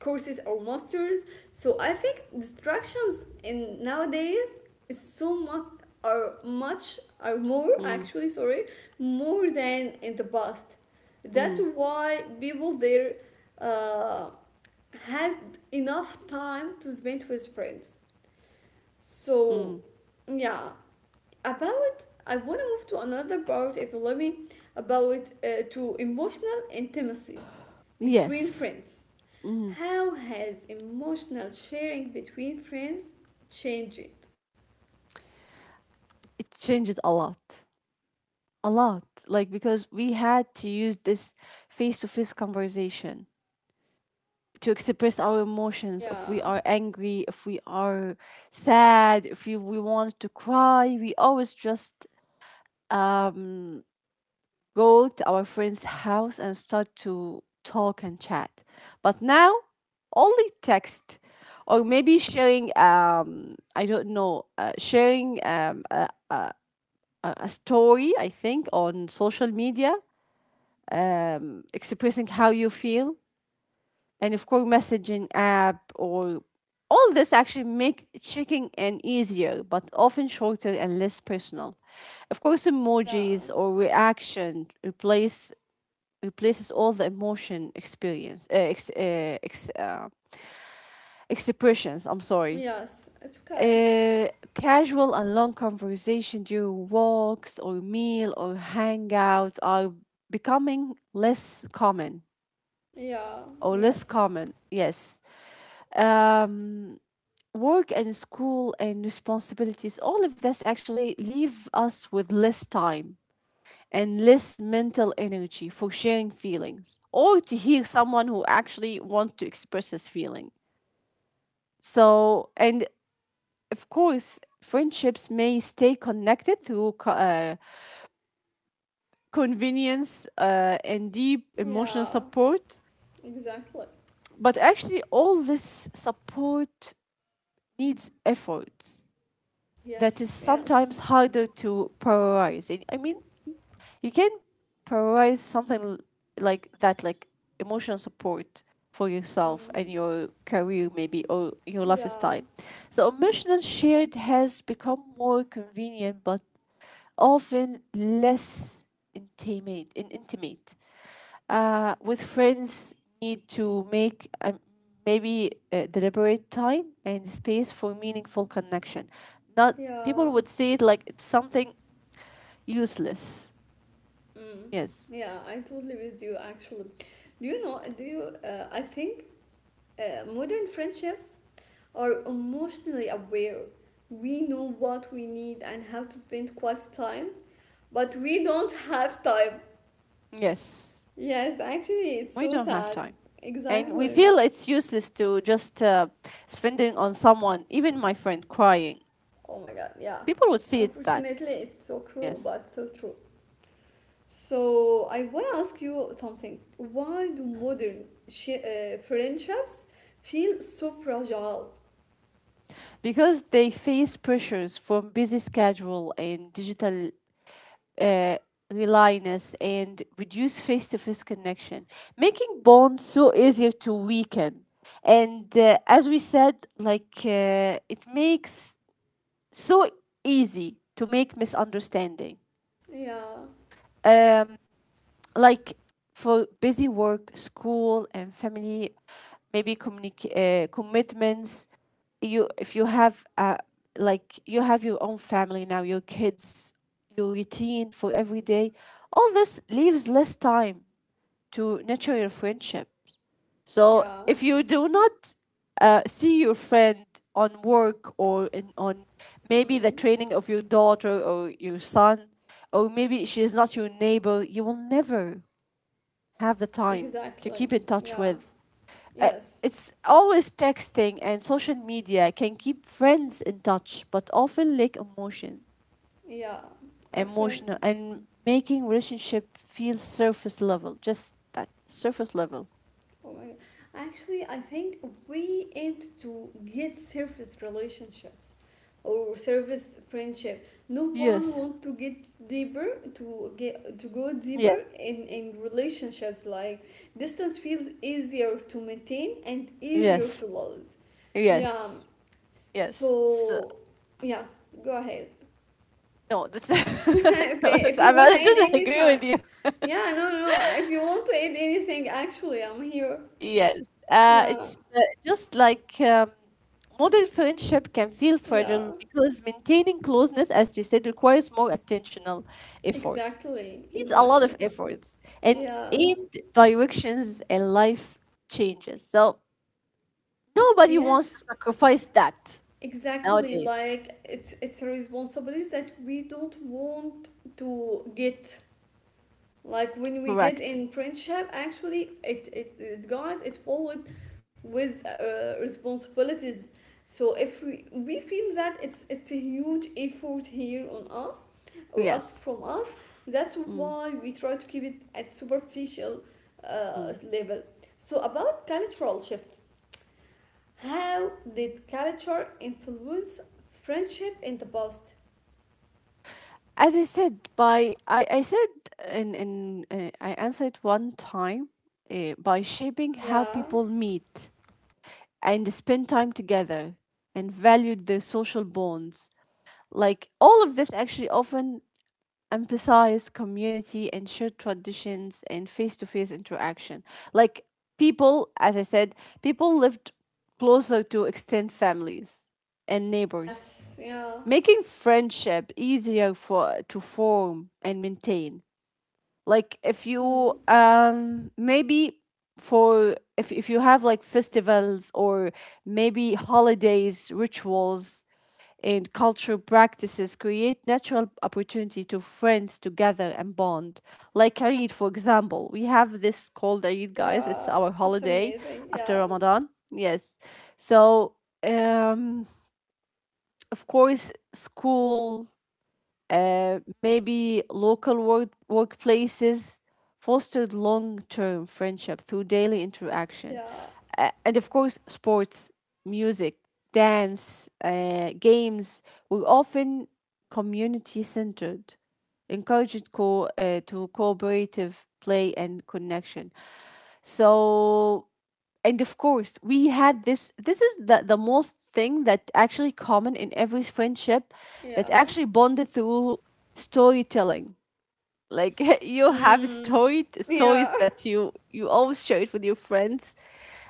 Speaker 1: courses or masters. So I think distractions in nowadays is so much are much are more
Speaker 2: mm,
Speaker 1: actually sorry, more than in the past. That's
Speaker 2: mm,
Speaker 1: why people there uh, had enough time to spend with friends. So
Speaker 2: mm.
Speaker 1: yeah, about, I want to move to another part if you let me, about uh, to emotional intimacy between
Speaker 2: Yes.
Speaker 1: friends.
Speaker 2: Mhm.
Speaker 1: How has emotional sharing between friends changed?
Speaker 2: It changed a lot. A lot. Like, because we had to use this face to face conversation to express our emotions,
Speaker 1: Yeah,
Speaker 2: if we are angry, if we are sad, if we, we want to cry. We always just um, go to our friend's house and start to talk and chat. But now, only text. Or maybe sharing, um, I don't know, uh, sharing um, a, a a story, I think, on social media, um, expressing how you feel, and of course, messaging app or all this actually make checking in easier, but often shorter and less personal. Of course,
Speaker 1: yeah,
Speaker 2: emojis or reaction replace replaces all the emotion experience uh, ex, uh, ex, uh, expressions. I'm sorry.
Speaker 1: yes, it's okay.
Speaker 2: Uh, Casual and long conversation during walks or meal or hangouts are becoming less common
Speaker 1: Yeah,
Speaker 2: or less
Speaker 1: yes,
Speaker 2: common. Yes. Um, work and school and responsibilities, all of this actually leave us with less time and less mental energy for sharing feelings or to hear someone who actually want to express his feeling, so and of course, friendships may stay connected through co- uh, convenience uh, and deep emotional
Speaker 1: yeah,
Speaker 2: support,
Speaker 1: exactly.
Speaker 2: but actually, all this support needs effort that
Speaker 1: Yes,
Speaker 2: is
Speaker 1: yes.
Speaker 2: sometimes harder to prioritize. And I mean, you can prioritize something l- like that, like emotional support for
Speaker 1: Mm,
Speaker 2: yourself and your career, maybe, or your
Speaker 1: yeah,
Speaker 2: lifestyle. So, emotional shared has become more convenient, but often less intimate, in, intimate. Uh, with friends, need to make um, maybe uh, deliberate time and space for meaningful connection. Not
Speaker 1: yeah,
Speaker 2: people would see it like it's something useless.
Speaker 1: mm,
Speaker 2: Yes,
Speaker 1: yeah. I totally with you actually. Do you know? Do you? Uh, I think uh, modern friendships are emotionally aware. We know what we need and how to spend quality time, but we don't have time.
Speaker 2: yes,
Speaker 1: Yes, actually, it's
Speaker 2: we
Speaker 1: so
Speaker 2: don't have
Speaker 1: sad.
Speaker 2: time. And we
Speaker 1: Exactly.
Speaker 2: feel it's useless to just uh, spending on someone, even my friend crying.
Speaker 1: Oh my god, yeah.
Speaker 2: People would see it that.
Speaker 1: Unfortunately, it's so cruel
Speaker 2: Yes.
Speaker 1: but so true. So, I want to ask you something. Why do modern shi- uh, friendships feel so fragile?
Speaker 2: Because they face pressures from busy schedule and digital uh, reliance and reduce face-to-face connection, making bonds so easier to weaken, and uh, as we said, like uh, it makes so easy to make misunderstanding,
Speaker 1: Yeah,
Speaker 2: um, like for busy work school and family, maybe communic- uh, commitments. You if you have uh like you have your own family now, your kids, your routine for every day, all this leaves less time to nurture your friendship. So
Speaker 1: yeah,
Speaker 2: if you do not uh, see your friend on work or in on maybe the
Speaker 1: mm,
Speaker 2: training of your daughter or your son, or maybe she is not your neighbor, you will never have the time to keep
Speaker 1: exactly.
Speaker 2: in touch
Speaker 1: Yeah,
Speaker 2: with. Uh,
Speaker 1: yes.
Speaker 2: it's always texting and social media can keep friends in touch, but often lack emotion,
Speaker 1: Yeah, actually,
Speaker 2: emotional, and making relationship feel surface level. Just that surface level.
Speaker 1: oh my God. Actually, I think we aim to get surface relationships or surface friendship. No one
Speaker 2: Yes.
Speaker 1: want to get deeper to get to go
Speaker 2: Yes.
Speaker 1: deeper in in relationships. Like distance feels easier to maintain and easier to
Speaker 2: Yes.
Speaker 1: lose. Yeah.
Speaker 2: Yes. Yes. So
Speaker 1: So, yeah. Go ahead.
Speaker 2: no, that's no,
Speaker 1: Okay,
Speaker 2: that's.
Speaker 1: if you
Speaker 2: I
Speaker 1: wanna
Speaker 2: rather
Speaker 1: add
Speaker 2: agree
Speaker 1: anything,
Speaker 2: with you.
Speaker 1: yeah, no, no, no. If you want to add anything, actually, I'm here.
Speaker 2: Yes, uh,
Speaker 1: Yeah,
Speaker 2: it's uh, just like um, modern friendship can feel
Speaker 1: yeah,
Speaker 2: fragile because maintaining closeness, as you said, requires more attentional effort.
Speaker 1: exactly,
Speaker 2: Needs a lot of
Speaker 1: exactly.
Speaker 2: efforts and
Speaker 1: Yeah,
Speaker 2: aimed directions and life changes. So nobody wants to
Speaker 1: yes,
Speaker 2: sacrifice that
Speaker 1: exactly.
Speaker 2: nowadays.
Speaker 1: Like it's it's a responsibility that we don't want to get. Like when we get
Speaker 2: Correct.
Speaker 1: in friendship, actually it it, it guys, it's followed with uh, responsibilities. So if we we feel that it's it's a huge effort here on us or asked
Speaker 2: Yes.
Speaker 1: from us, that's
Speaker 2: Mm,
Speaker 1: why we try to keep it at superficial uh,
Speaker 2: mm.
Speaker 1: level. So about cultural shifts, how did culture influence friendship in the past?
Speaker 2: As I said, by I, I said in in uh, I answered one time uh, by shaping how
Speaker 1: Yeah,
Speaker 2: people meet and spend time together and valued their social bonds. Like all of this actually often emphasized community and shared traditions and face to face interaction. Like people, as I said, people lived closer to extended families and neighbors,
Speaker 1: yes, yeah,
Speaker 2: making friendship easier for to form and maintain. Like if you
Speaker 1: mm.
Speaker 2: um maybe for if, if you have like festivals or maybe holidays, rituals, and cultural practices create natural opportunity to friends to gather and bond. Like Eid, for example, we have this called Eid, guys. It's
Speaker 1: Yeah,
Speaker 2: our
Speaker 1: it's
Speaker 2: holiday
Speaker 1: amazing.
Speaker 2: after
Speaker 1: Yeah,
Speaker 2: Ramadan, yes. So um of course school, uh, maybe local work workplaces fostered long-term friendship through daily interaction.
Speaker 1: yeah,
Speaker 2: Uh, and of course, sports, music, dance, uh, games were often community-centered, encouraged co- uh, to cooperative play and connection. So and of course we had this this is the the most thing that actually common in every friendship that
Speaker 1: yeah.
Speaker 2: actually bonded through storytelling. Like you have
Speaker 1: Mm.
Speaker 2: story stories
Speaker 1: Yeah,
Speaker 2: that you you always share it with your friends.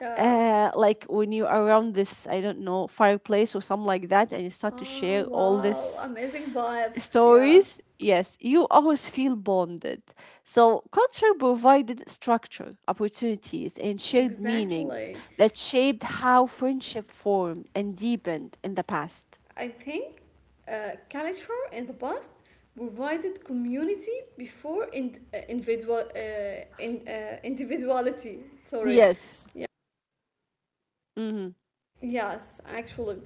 Speaker 1: yeah.
Speaker 2: uh Like when you are around this, I don't know, fireplace or something like that, and you start to
Speaker 1: Oh,
Speaker 2: share all
Speaker 1: wow.
Speaker 2: this
Speaker 1: Amazing vibes. Yeah,
Speaker 2: stories, yes, you always feel bonded. So, culture provided structure, opportunities, and shared meaning
Speaker 1: exactly.
Speaker 2: that shaped how friendship formed and deepened in the past.
Speaker 1: I think uh, culture in the past provided community before in, uh, individual uh, in, uh, individuality. Sorry.
Speaker 2: Yes.
Speaker 1: Yeah.
Speaker 2: Mhm.
Speaker 1: Yes, actually.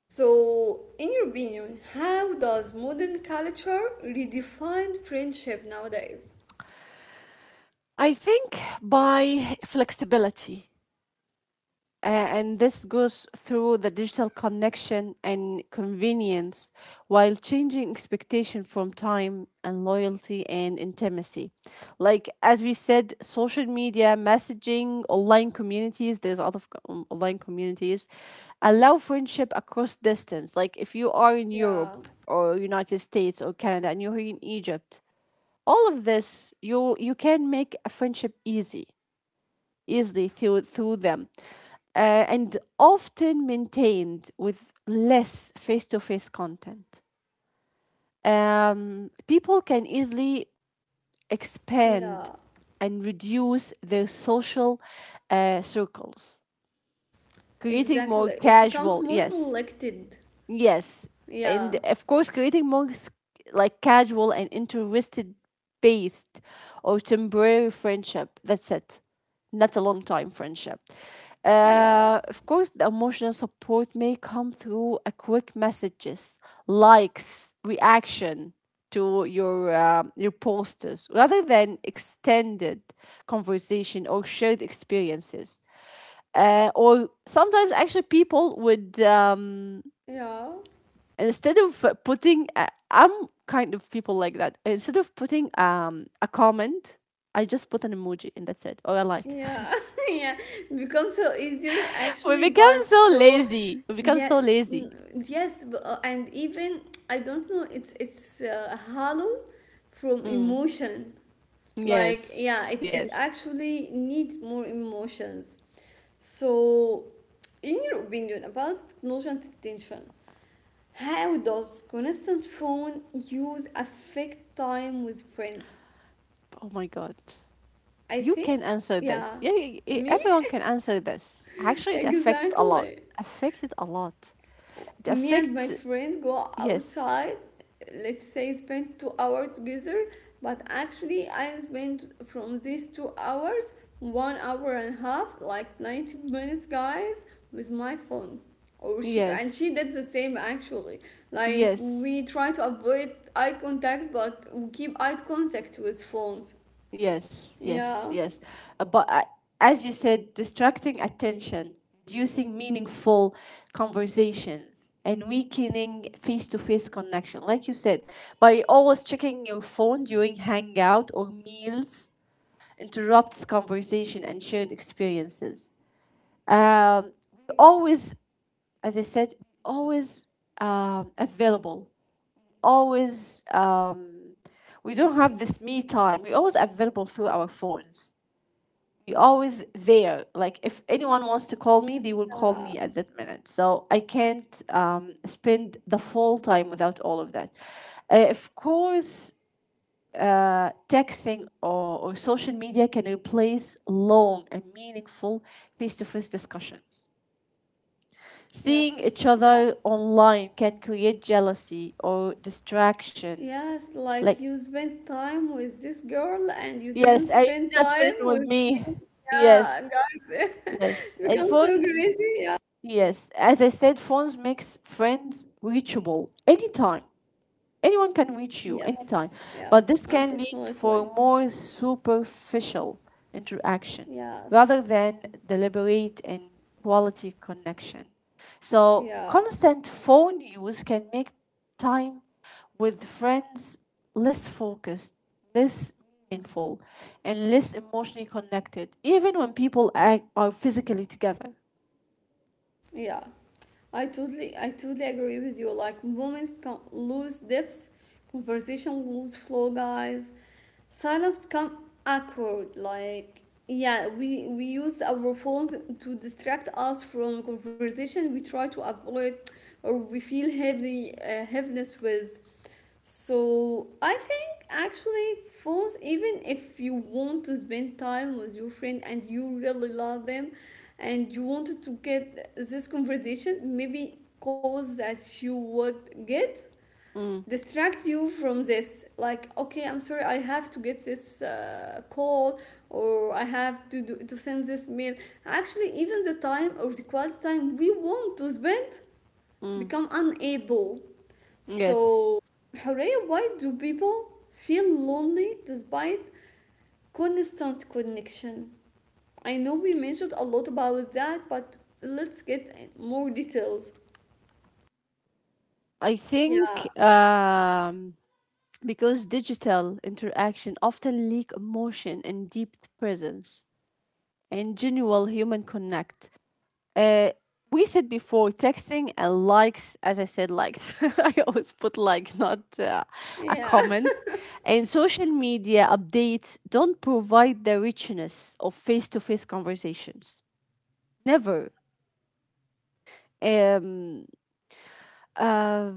Speaker 1: So, in your opinion, how does modern culture redefine friendship nowadays?
Speaker 2: I think by flexibility. Uh, and this goes through the digital connection and convenience, while changing expectation from time and loyalty and intimacy. Like, as we said, social media, messaging, online communities, there's a lot of co- um, online communities allow friendship across distance. Like if you are in
Speaker 1: Yeah,
Speaker 2: Europe or United States or Canada, and you're in Egypt, all of this, you you can make a friendship easy, easily through, through them. Uh, and often maintained with less face to face content. Um, people can easily expand
Speaker 1: yeah,
Speaker 2: and reduce their social uh, circles, creating more
Speaker 1: exactly. It becomes
Speaker 2: casual,
Speaker 1: more
Speaker 2: yes,
Speaker 1: selected.
Speaker 2: yes.
Speaker 1: Yeah,
Speaker 2: And of course, creating more s- like casual and interested based or temporary friendship. That's it. Not a long time friendship.
Speaker 1: yeah,
Speaker 2: Uh, of course, the emotional support may come through a quick messages, likes, reaction to your um, your posters, rather than extended conversation or shared experiences. Uh, or sometimes actually people would um,
Speaker 1: yeah,
Speaker 2: instead of uh, putting uh, I'm kind of people like that. Instead of putting um a comment, I just put an emoji and that's it, or a like.
Speaker 1: yeah, yeah. It becomes so easier
Speaker 2: We
Speaker 1: actually,
Speaker 2: become
Speaker 1: but
Speaker 2: so
Speaker 1: so
Speaker 2: lazy. We become
Speaker 1: yeah,
Speaker 2: so lazy.
Speaker 1: n- yes, b- uh, and even I don't know. It's it's uh, hollow from
Speaker 2: Mm.
Speaker 1: emotion. Like
Speaker 2: Yes.
Speaker 1: yeah, it it
Speaker 2: Yes.
Speaker 1: actually needs more emotions. So, in your opinion about technology and attention, how does constant phone use affect time with friends?
Speaker 2: Oh my God.
Speaker 1: I
Speaker 2: You
Speaker 1: think,
Speaker 2: can answer this.
Speaker 1: yeah,
Speaker 2: Yeah, y- y-
Speaker 1: me,
Speaker 2: everyone can answer this. Actually, it affects a lot.
Speaker 1: exactly.
Speaker 2: Affected a lot. It
Speaker 1: Me and my
Speaker 2: affects.
Speaker 1: friend go
Speaker 2: Yes.
Speaker 1: outside, let's say spend two hours together, but actually I spent from these two hours one hour and a half, like ninety minutes guys, with my phone, or she, and she
Speaker 2: Yes.
Speaker 1: did the same actually. Like
Speaker 2: Yes.
Speaker 1: we try to avoid eye contact, but we keep eye contact with phones,
Speaker 2: Yes, yes,
Speaker 1: yeah,
Speaker 2: yes. Uh, But I- as you said, distracting attention, reducing meaningful conversations, and weakening face to face connection. Like you said, by always checking your phone during hangout or meals, interrupts conversation and shared experiences. Um, we always, as I said, always um, available, always. Um, we don't have this me time. We're always available through our phones, be always there. Like if anyone wants to call me, they will call
Speaker 1: yeah,
Speaker 2: me at that minute. So I can't um, spend the full time without all of that. Uh, of course, uh, texting or, or social media can replace long and meaningful face to face discussions. Seeing each
Speaker 1: yes, yeah.
Speaker 2: other online can create jealousy or distraction.
Speaker 1: Yes, like
Speaker 2: Like,
Speaker 1: you spent time with this girl and you didn't
Speaker 2: yes, I
Speaker 1: spend
Speaker 2: just spend
Speaker 1: time
Speaker 2: with
Speaker 1: with
Speaker 2: me.
Speaker 1: me.
Speaker 2: Yes,
Speaker 1: Yeah, guys,
Speaker 2: yes. And
Speaker 1: become
Speaker 2: phone
Speaker 1: so crazy. Yeah.
Speaker 2: Yes, as I said, phones makes friends reachable anytime. Anyone can reach you anytime,
Speaker 1: Yes,
Speaker 2: but
Speaker 1: yes,
Speaker 2: this can lead for
Speaker 1: unfortunately.
Speaker 2: more superficial interaction, rather
Speaker 1: Yes,
Speaker 2: than deliberate and quality connection. So
Speaker 1: yeah,
Speaker 2: constant phone use can make time with friends less focused, less meaningful, and less emotionally connected, even when people act, are physically together.
Speaker 1: yeah. I totally, I totally agree with you. Like moments become lose depth, conversation lose flow, guys. Silence become awkward. Like yeah, we we use our phones to distract us from conversation. We try to avoid, or we feel heavy uh, heaviness with. So I think actually phones, even if you want to spend time with your friend and you really love them and you wanted to get this conversation, maybe calls that you would get
Speaker 2: Mm.
Speaker 1: distract you from this, like okay, I'm sorry, I have to get this uh, call, or I have to do, to send this mail. Actually even the time, or the quality time we want to spend,
Speaker 2: Mm.
Speaker 1: become unable.
Speaker 2: Yes,
Speaker 1: So, Horea, why do people feel lonely despite constant connection? I know we mentioned a lot about that, but let's get more details.
Speaker 2: I
Speaker 1: Yeah,
Speaker 2: think um, because digital interaction often leak emotion and deep presence and genuine human connect. Uh, we said before texting and likes, as I said, likes. I always put like, not uh, a
Speaker 1: yeah,
Speaker 2: comment. And social media updates don't provide the richness of face to face conversations. Never. Um, uh,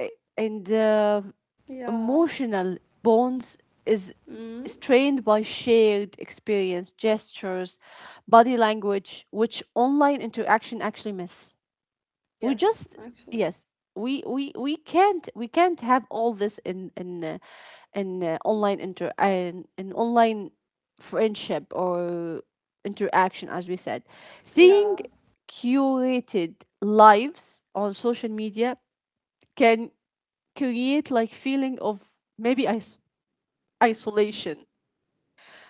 Speaker 2: a- and uh,
Speaker 1: yeah.
Speaker 2: Emotional bonds is
Speaker 1: Mm.
Speaker 2: strained by shared experience, gestures, body language, which online interaction actually miss. We
Speaker 1: Yes,
Speaker 2: just
Speaker 1: actually.
Speaker 2: yes, we we we can't we can't have all this in in uh, in uh, online inter uh, in, in online friendship or interaction. As we said, seeing
Speaker 1: Yeah,
Speaker 2: curated lives on social media can create like feeling of maybe is- isolation.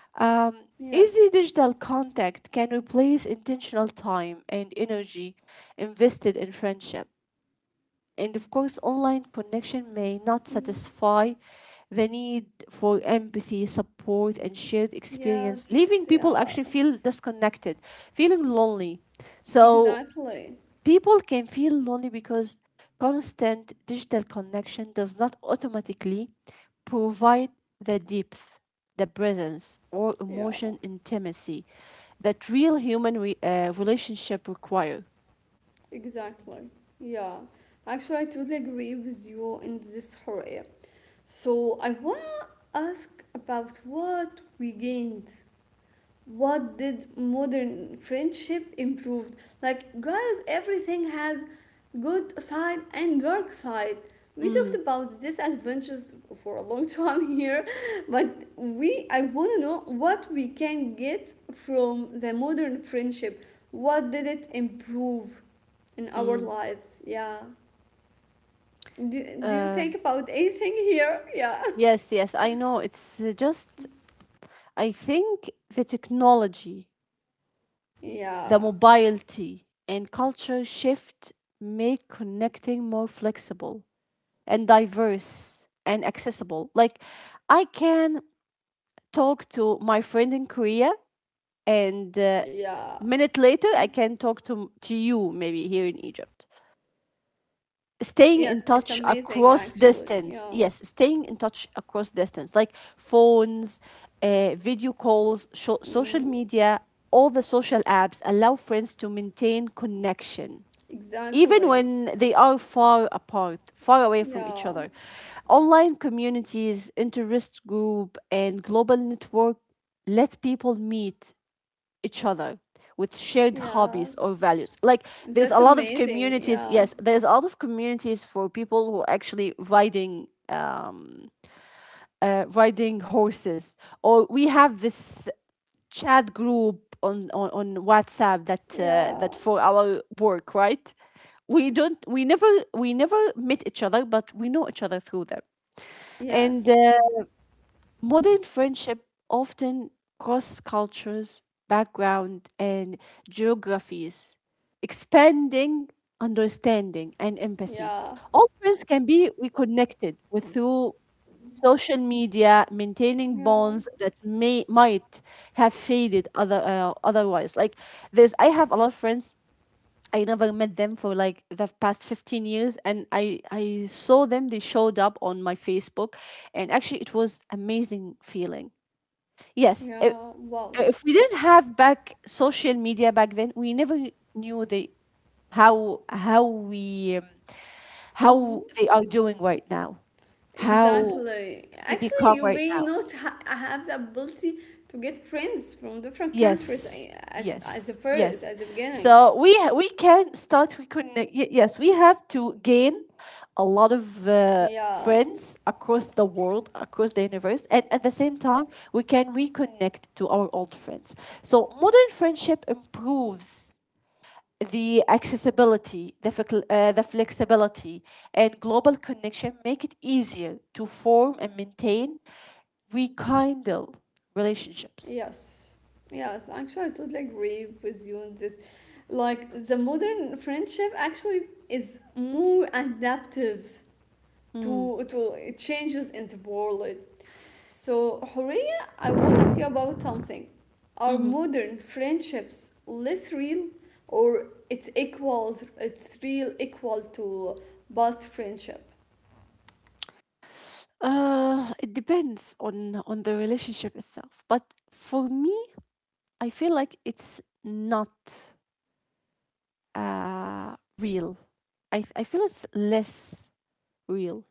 Speaker 2: Um, Easy
Speaker 1: yes.
Speaker 2: digital contact can replace intentional time and energy invested in friendship. And of course, online connection may not
Speaker 1: Mm.
Speaker 2: satisfy the need for empathy, support, and shared experience, leaving
Speaker 1: Yes,
Speaker 2: people actually feel
Speaker 1: yes.
Speaker 2: disconnected, feeling lonely. So
Speaker 1: Exactly.
Speaker 2: people can feel lonely because constant digital connection does not automatically provide the depth, the presence, or emotion
Speaker 1: Yeah,
Speaker 2: intimacy that real human re- uh, relationship require.
Speaker 1: exactly. Yeah. Actually, I totally agree with you in this area. So I ask about what we gained, what did modern friendship improved. Like guys, everything has good side and dark side. We talked
Speaker 2: Mm.
Speaker 1: about disadvantages for a long time here, but we, I want to know what we can get from the modern friendship, what did it improve in our
Speaker 2: Mm.
Speaker 1: lives, yeah. Do, do you
Speaker 2: Um,
Speaker 1: think about anything here? Yeah,
Speaker 2: yes, yes, I know. It's uh, just, I think the technology, the
Speaker 1: yeah,
Speaker 2: mobility, and culture shift make connecting more flexible and diverse and accessible. Like I can talk to my friend in Korea, and uh,
Speaker 1: yeah.
Speaker 2: minute later I can talk to to you, maybe here in Egypt. Staying in
Speaker 1: Yes, it's
Speaker 2: touch
Speaker 1: amazing
Speaker 2: across
Speaker 1: actually.
Speaker 2: distance.
Speaker 1: Yeah.
Speaker 2: Yes, staying in touch across distance, like phones, uh, video calls, sho- social
Speaker 1: Mm,
Speaker 2: media, all the social apps allow friends to maintain connection even
Speaker 1: exactly.
Speaker 2: when they are far apart, far away from each
Speaker 1: Yeah.
Speaker 2: other. Online communities, interest group, and global network let people meet each other with shared hobbies or
Speaker 1: Yes.
Speaker 2: values. Like, there's a
Speaker 1: That's
Speaker 2: lot of
Speaker 1: amazing.
Speaker 2: communities.
Speaker 1: Yeah.
Speaker 2: Yes, there's a lot of communities for people who are actually riding um uh, riding horses, or we have this chat group on on, on WhatsApp, that uh,
Speaker 1: Yeah.
Speaker 2: that for our work, right? We don't we never, we never met each other, but we know each other through them. And
Speaker 1: Yes.
Speaker 2: uh, Modern friendship often cross cultures, background, and geographies, expanding understanding and empathy.
Speaker 1: Yeah.
Speaker 2: Old friends can be reconnected with through social media, maintaining
Speaker 1: Yeah.
Speaker 2: bonds that may might have faded other uh, otherwise. Like this, I have a lot of friends, I never met them for like the past fifteen years, and I I saw them, they showed up on my Facebook, and actually it was amazing feeling. Yes, if,
Speaker 1: Yeah. Wow.
Speaker 2: if we didn't have back social media back then, we never knew the how how we um,
Speaker 1: Mm,
Speaker 2: how they are doing right now. How
Speaker 1: exactly.
Speaker 2: they
Speaker 1: Actually,
Speaker 2: become
Speaker 1: you
Speaker 2: right
Speaker 1: may
Speaker 2: now.
Speaker 1: not ha have the ability to get friends from different countries
Speaker 2: Yes,
Speaker 1: eh, at, at the
Speaker 2: yes,
Speaker 1: first,
Speaker 2: yes.
Speaker 1: at the beginning.
Speaker 2: So we ha- we can start. We could y- yes. We have to gain a lot of uh,
Speaker 1: Yeah.
Speaker 2: friends across the world, across the universe, and at the same time, we can reconnect to our old friends. So modern friendship improves the accessibility, the fec- uh, the flexibility, and global connection. Make it easier to form and maintain, rekindle relationships.
Speaker 1: Yes, yes, actually, I totally agree with you on this. Like the modern friendship actually is more adaptive
Speaker 2: Mm-hmm.
Speaker 1: to to changes in the world. So, Horea, I want to ask you about something. Are modern friendships less real, or it's equals, it's real equal to past friendship?
Speaker 2: Uh, it depends on on the relationship itself. But for me, I feel like it's not uh real. I f- I feel it's less real,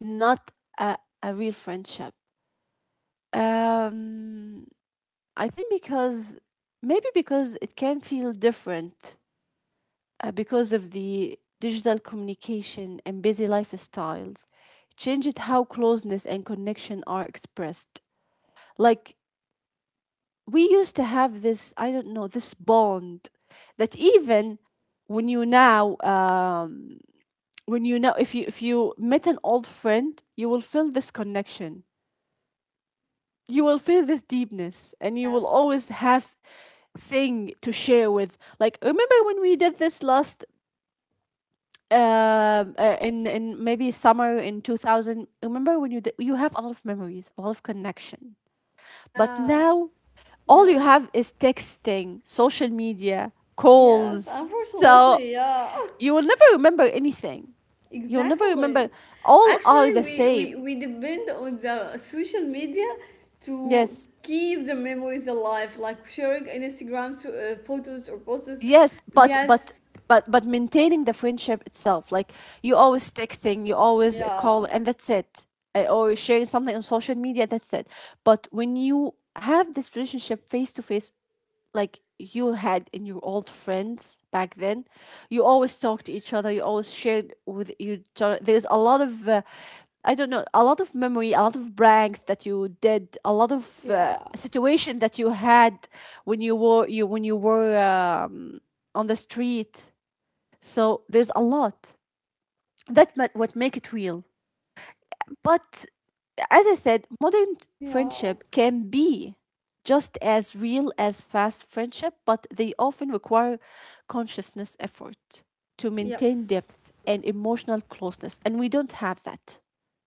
Speaker 2: not a a real friendship. Um, I think because maybe because it can feel different, uh, because of the digital communication and busy lifestyles, changed how closeness and connection are expressed. Like, we used to have this, I don't know, this bond that even when you now um, when you know, if you, if you met an old friend, you will feel this connection, you will feel this deepness, and you will
Speaker 1: Yes.
Speaker 2: always have thing to share with. Like, remember when we did this last um, uh, in in maybe summer in two thousand, remember when you did, you have a lot of memories, a lot of connection, but
Speaker 1: Yeah.
Speaker 2: now all you have
Speaker 1: Yes.
Speaker 2: is texting, social media,
Speaker 1: Yes.
Speaker 2: calls. So
Speaker 1: Unfortunately, yeah.
Speaker 2: you will never remember anything. You'll never
Speaker 1: Exactly.
Speaker 2: remember. All are
Speaker 1: Actually,
Speaker 2: the
Speaker 1: we, we,
Speaker 2: same.
Speaker 1: we depend on the social media to
Speaker 2: Yes,
Speaker 1: keep the memories alive, like sharing Instagram so, uh, photos or posts.
Speaker 2: yes, but but
Speaker 1: Yes.
Speaker 2: but but maintaining the friendship itself, like you always texting, you always
Speaker 1: Yeah.
Speaker 2: call, and that's it. Uh, Or sharing something on social media, that's it. But when you have this relationship face to face, like you had in your old friends back then, you always talk to each other, you always shared with you, there's a lot of uh, I don't know, a lot of memory, a lot of pranks that you did, a lot of uh,
Speaker 1: Yeah.
Speaker 2: situation that you had when you were you when you were um, on the street. So there's a lot, that's ma- what make it real. But as I said, modern
Speaker 1: Yeah.
Speaker 2: friendship can be just as real as fast friendship, but they often require consciousness effort to maintain
Speaker 1: Yes.
Speaker 2: depth and emotional closeness. And we don't have that.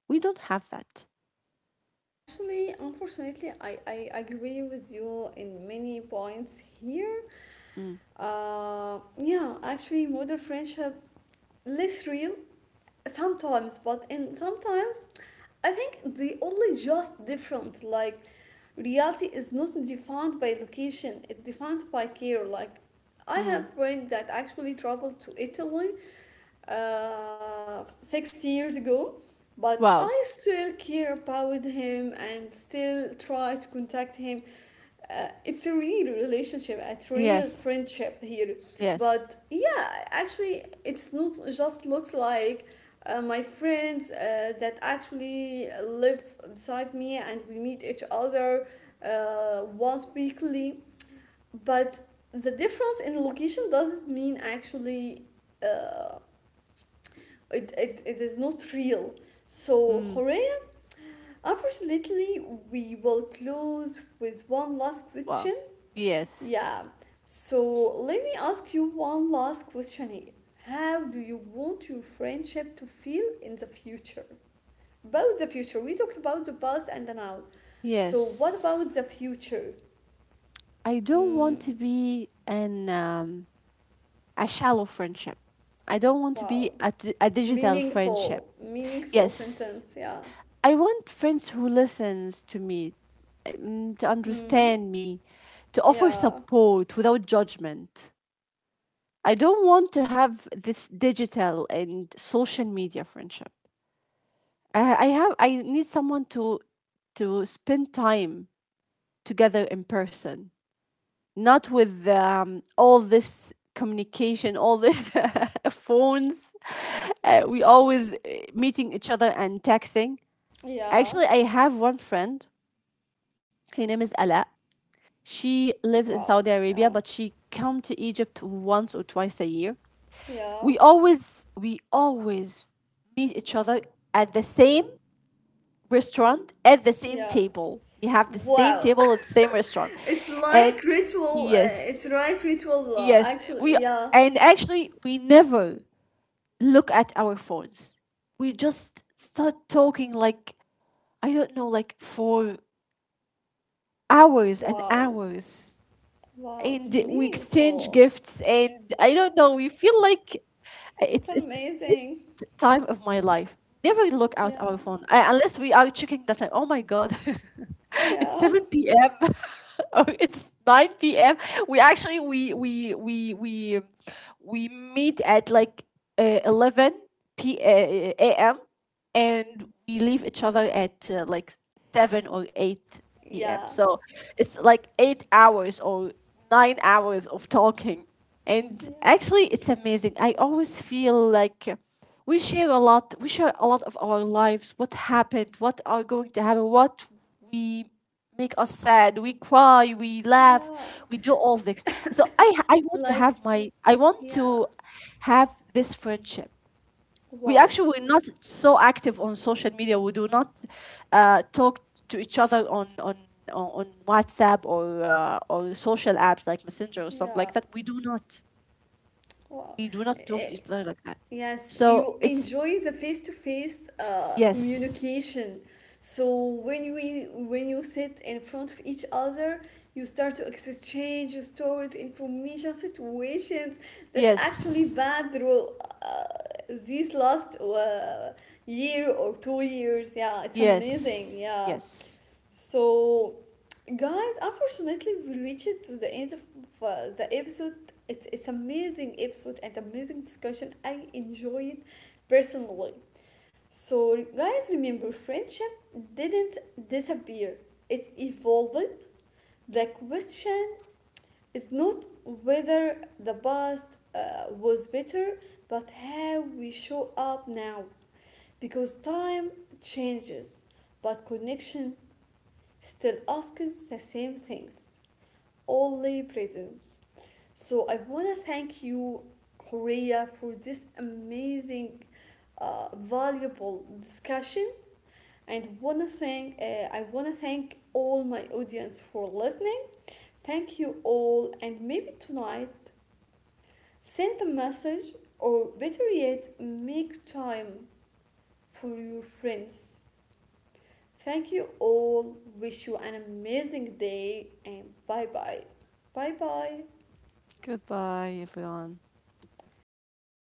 Speaker 2: We don't have that.
Speaker 1: Actually, unfortunately, I, I agree with you in many points here.
Speaker 2: Mm.
Speaker 1: Uh, yeah, actually, modern friendship less real sometimes, but in sometimes, I think they only just different. Like, reality is not defined by location; it defined by care. Like, I
Speaker 2: Mm.
Speaker 1: have friends that actually travel to Italy uh, six years ago, but
Speaker 2: Wow.
Speaker 1: I still care about him and still try to contact him. Uh, it's a real relationship, it's real
Speaker 2: Yes.
Speaker 1: friendship here.
Speaker 2: Yes.
Speaker 1: But yeah, actually, it's not just looks like uh, my friends uh, that actually live beside me and we meet each other uh, once weekly. But the difference in location doesn't mean actually. Uh, it, it, it is not real. So,
Speaker 2: Mm.
Speaker 1: Horea, unfortunately, we will close with one last
Speaker 2: Wow.
Speaker 1: question.
Speaker 2: Yes.
Speaker 1: Yeah. So, let me ask you one last question here. How do you want your friendship to feel in the future? About the future, we talked about the past and the now. So, what
Speaker 2: Yes.
Speaker 1: about the future?
Speaker 2: I don't want
Speaker 1: Mm,
Speaker 2: to be an um, a shallow friendship. I don't want to be
Speaker 1: wow.
Speaker 2: a, di- a
Speaker 1: It's
Speaker 2: digital friendship.
Speaker 1: meaningful, meaningful
Speaker 2: Yes,
Speaker 1: sentence. Yeah.
Speaker 2: I want friends who listens to me, um, to
Speaker 1: Mm,
Speaker 2: understand me, to offer
Speaker 1: yeah.
Speaker 2: support without judgment. I don't want to have this digital and social media friendship. Uh, I have I need someone to to spend time together in person, not with um, all this communication, all this phones. Uh, we always uh, meeting each other and texting.
Speaker 1: Yeah.
Speaker 2: Actually, I have one friend. Her name is Ala. She lives in
Speaker 1: Wow.
Speaker 2: Saudi Arabia,
Speaker 1: Yeah.
Speaker 2: but she come to Egypt once or twice a year.
Speaker 1: Yeah,
Speaker 2: We always we always meet each other at the same restaurant, at the same
Speaker 1: yeah.
Speaker 2: table. We have the same
Speaker 1: Wow.
Speaker 2: table at the same restaurant,
Speaker 1: It's like
Speaker 2: and
Speaker 1: ritual. Uh,
Speaker 2: yes,
Speaker 1: it's like ritual, uh,
Speaker 2: yes, we,
Speaker 1: actually. Yeah.
Speaker 2: and actually we never look at our phones. We just start talking, like I don't know, like for hours and
Speaker 1: Wow.
Speaker 2: hours,
Speaker 1: Wow.
Speaker 2: and
Speaker 1: It's
Speaker 2: we exchange
Speaker 1: meaningful.
Speaker 2: gifts, and I don't know, we feel like
Speaker 1: It's
Speaker 2: it's it's best
Speaker 1: amazing.
Speaker 2: time of my life. Never look out our
Speaker 1: Yeah.
Speaker 2: phone uh, unless we are checking the time. Oh my god, it's
Speaker 1: Yeah.
Speaker 2: seven p m oh, it's nine p m. We actually we we we we we meet at like uh, eleven p uh, a.m, and we leave each other at uh, like seven or eight p m.
Speaker 1: Yeah.
Speaker 2: So it's like eight hours or nine hours of talking. And
Speaker 1: Yeah.
Speaker 2: actually it's amazing. I always feel like uh, we share a lot. We share a lot of our lives, what happened, what are going to happen, what we make us sad, we cry, we laugh,
Speaker 1: Yeah.
Speaker 2: we do all this. So I I want to
Speaker 1: Like,
Speaker 2: have my I want
Speaker 1: yeah.
Speaker 2: to have this friendship. We
Speaker 1: Wow.
Speaker 2: actually we're not so active on social media. We do not uh, talk to each other on on on on WhatsApp, or uh, or social apps like Messenger or something like
Speaker 1: Yeah.
Speaker 2: that. We do not,
Speaker 1: Wow.
Speaker 2: we do not talk to
Speaker 1: Eh,
Speaker 2: each other like that.
Speaker 1: yes,
Speaker 2: So
Speaker 1: you
Speaker 2: it's
Speaker 1: enjoy the face-to-face uh,
Speaker 2: yes,
Speaker 1: communication. So when we when you sit in front of each other, you start to exchange stories, information, situations that actually
Speaker 2: yes,
Speaker 1: bad through uh, these last uh, year or two years. Yeah, it's amazing.
Speaker 2: yes,
Speaker 1: Yeah.
Speaker 2: yes.
Speaker 1: So, guys, unfortunately, we reached to the end of uh, the episode. It's it's amazing episode and amazing discussion. I enjoy it personally. So, guys, remember, friendship didn't disappear. It evolved. The question is not whether the past uh, was better, but how we show up now. Because time changes, but connection still asks the same things, all only presents. So I want to thank you, Horea, for this amazing, uh, valuable discussion. And wanna thank, uh, I want to thank all my audience for listening. Thank you all, and maybe tonight send a message, or better yet, make time for your friends. Thank you all. Wish you an amazing day and bye bye. Bye bye.
Speaker 2: Goodbye, everyone.
Speaker 1: Until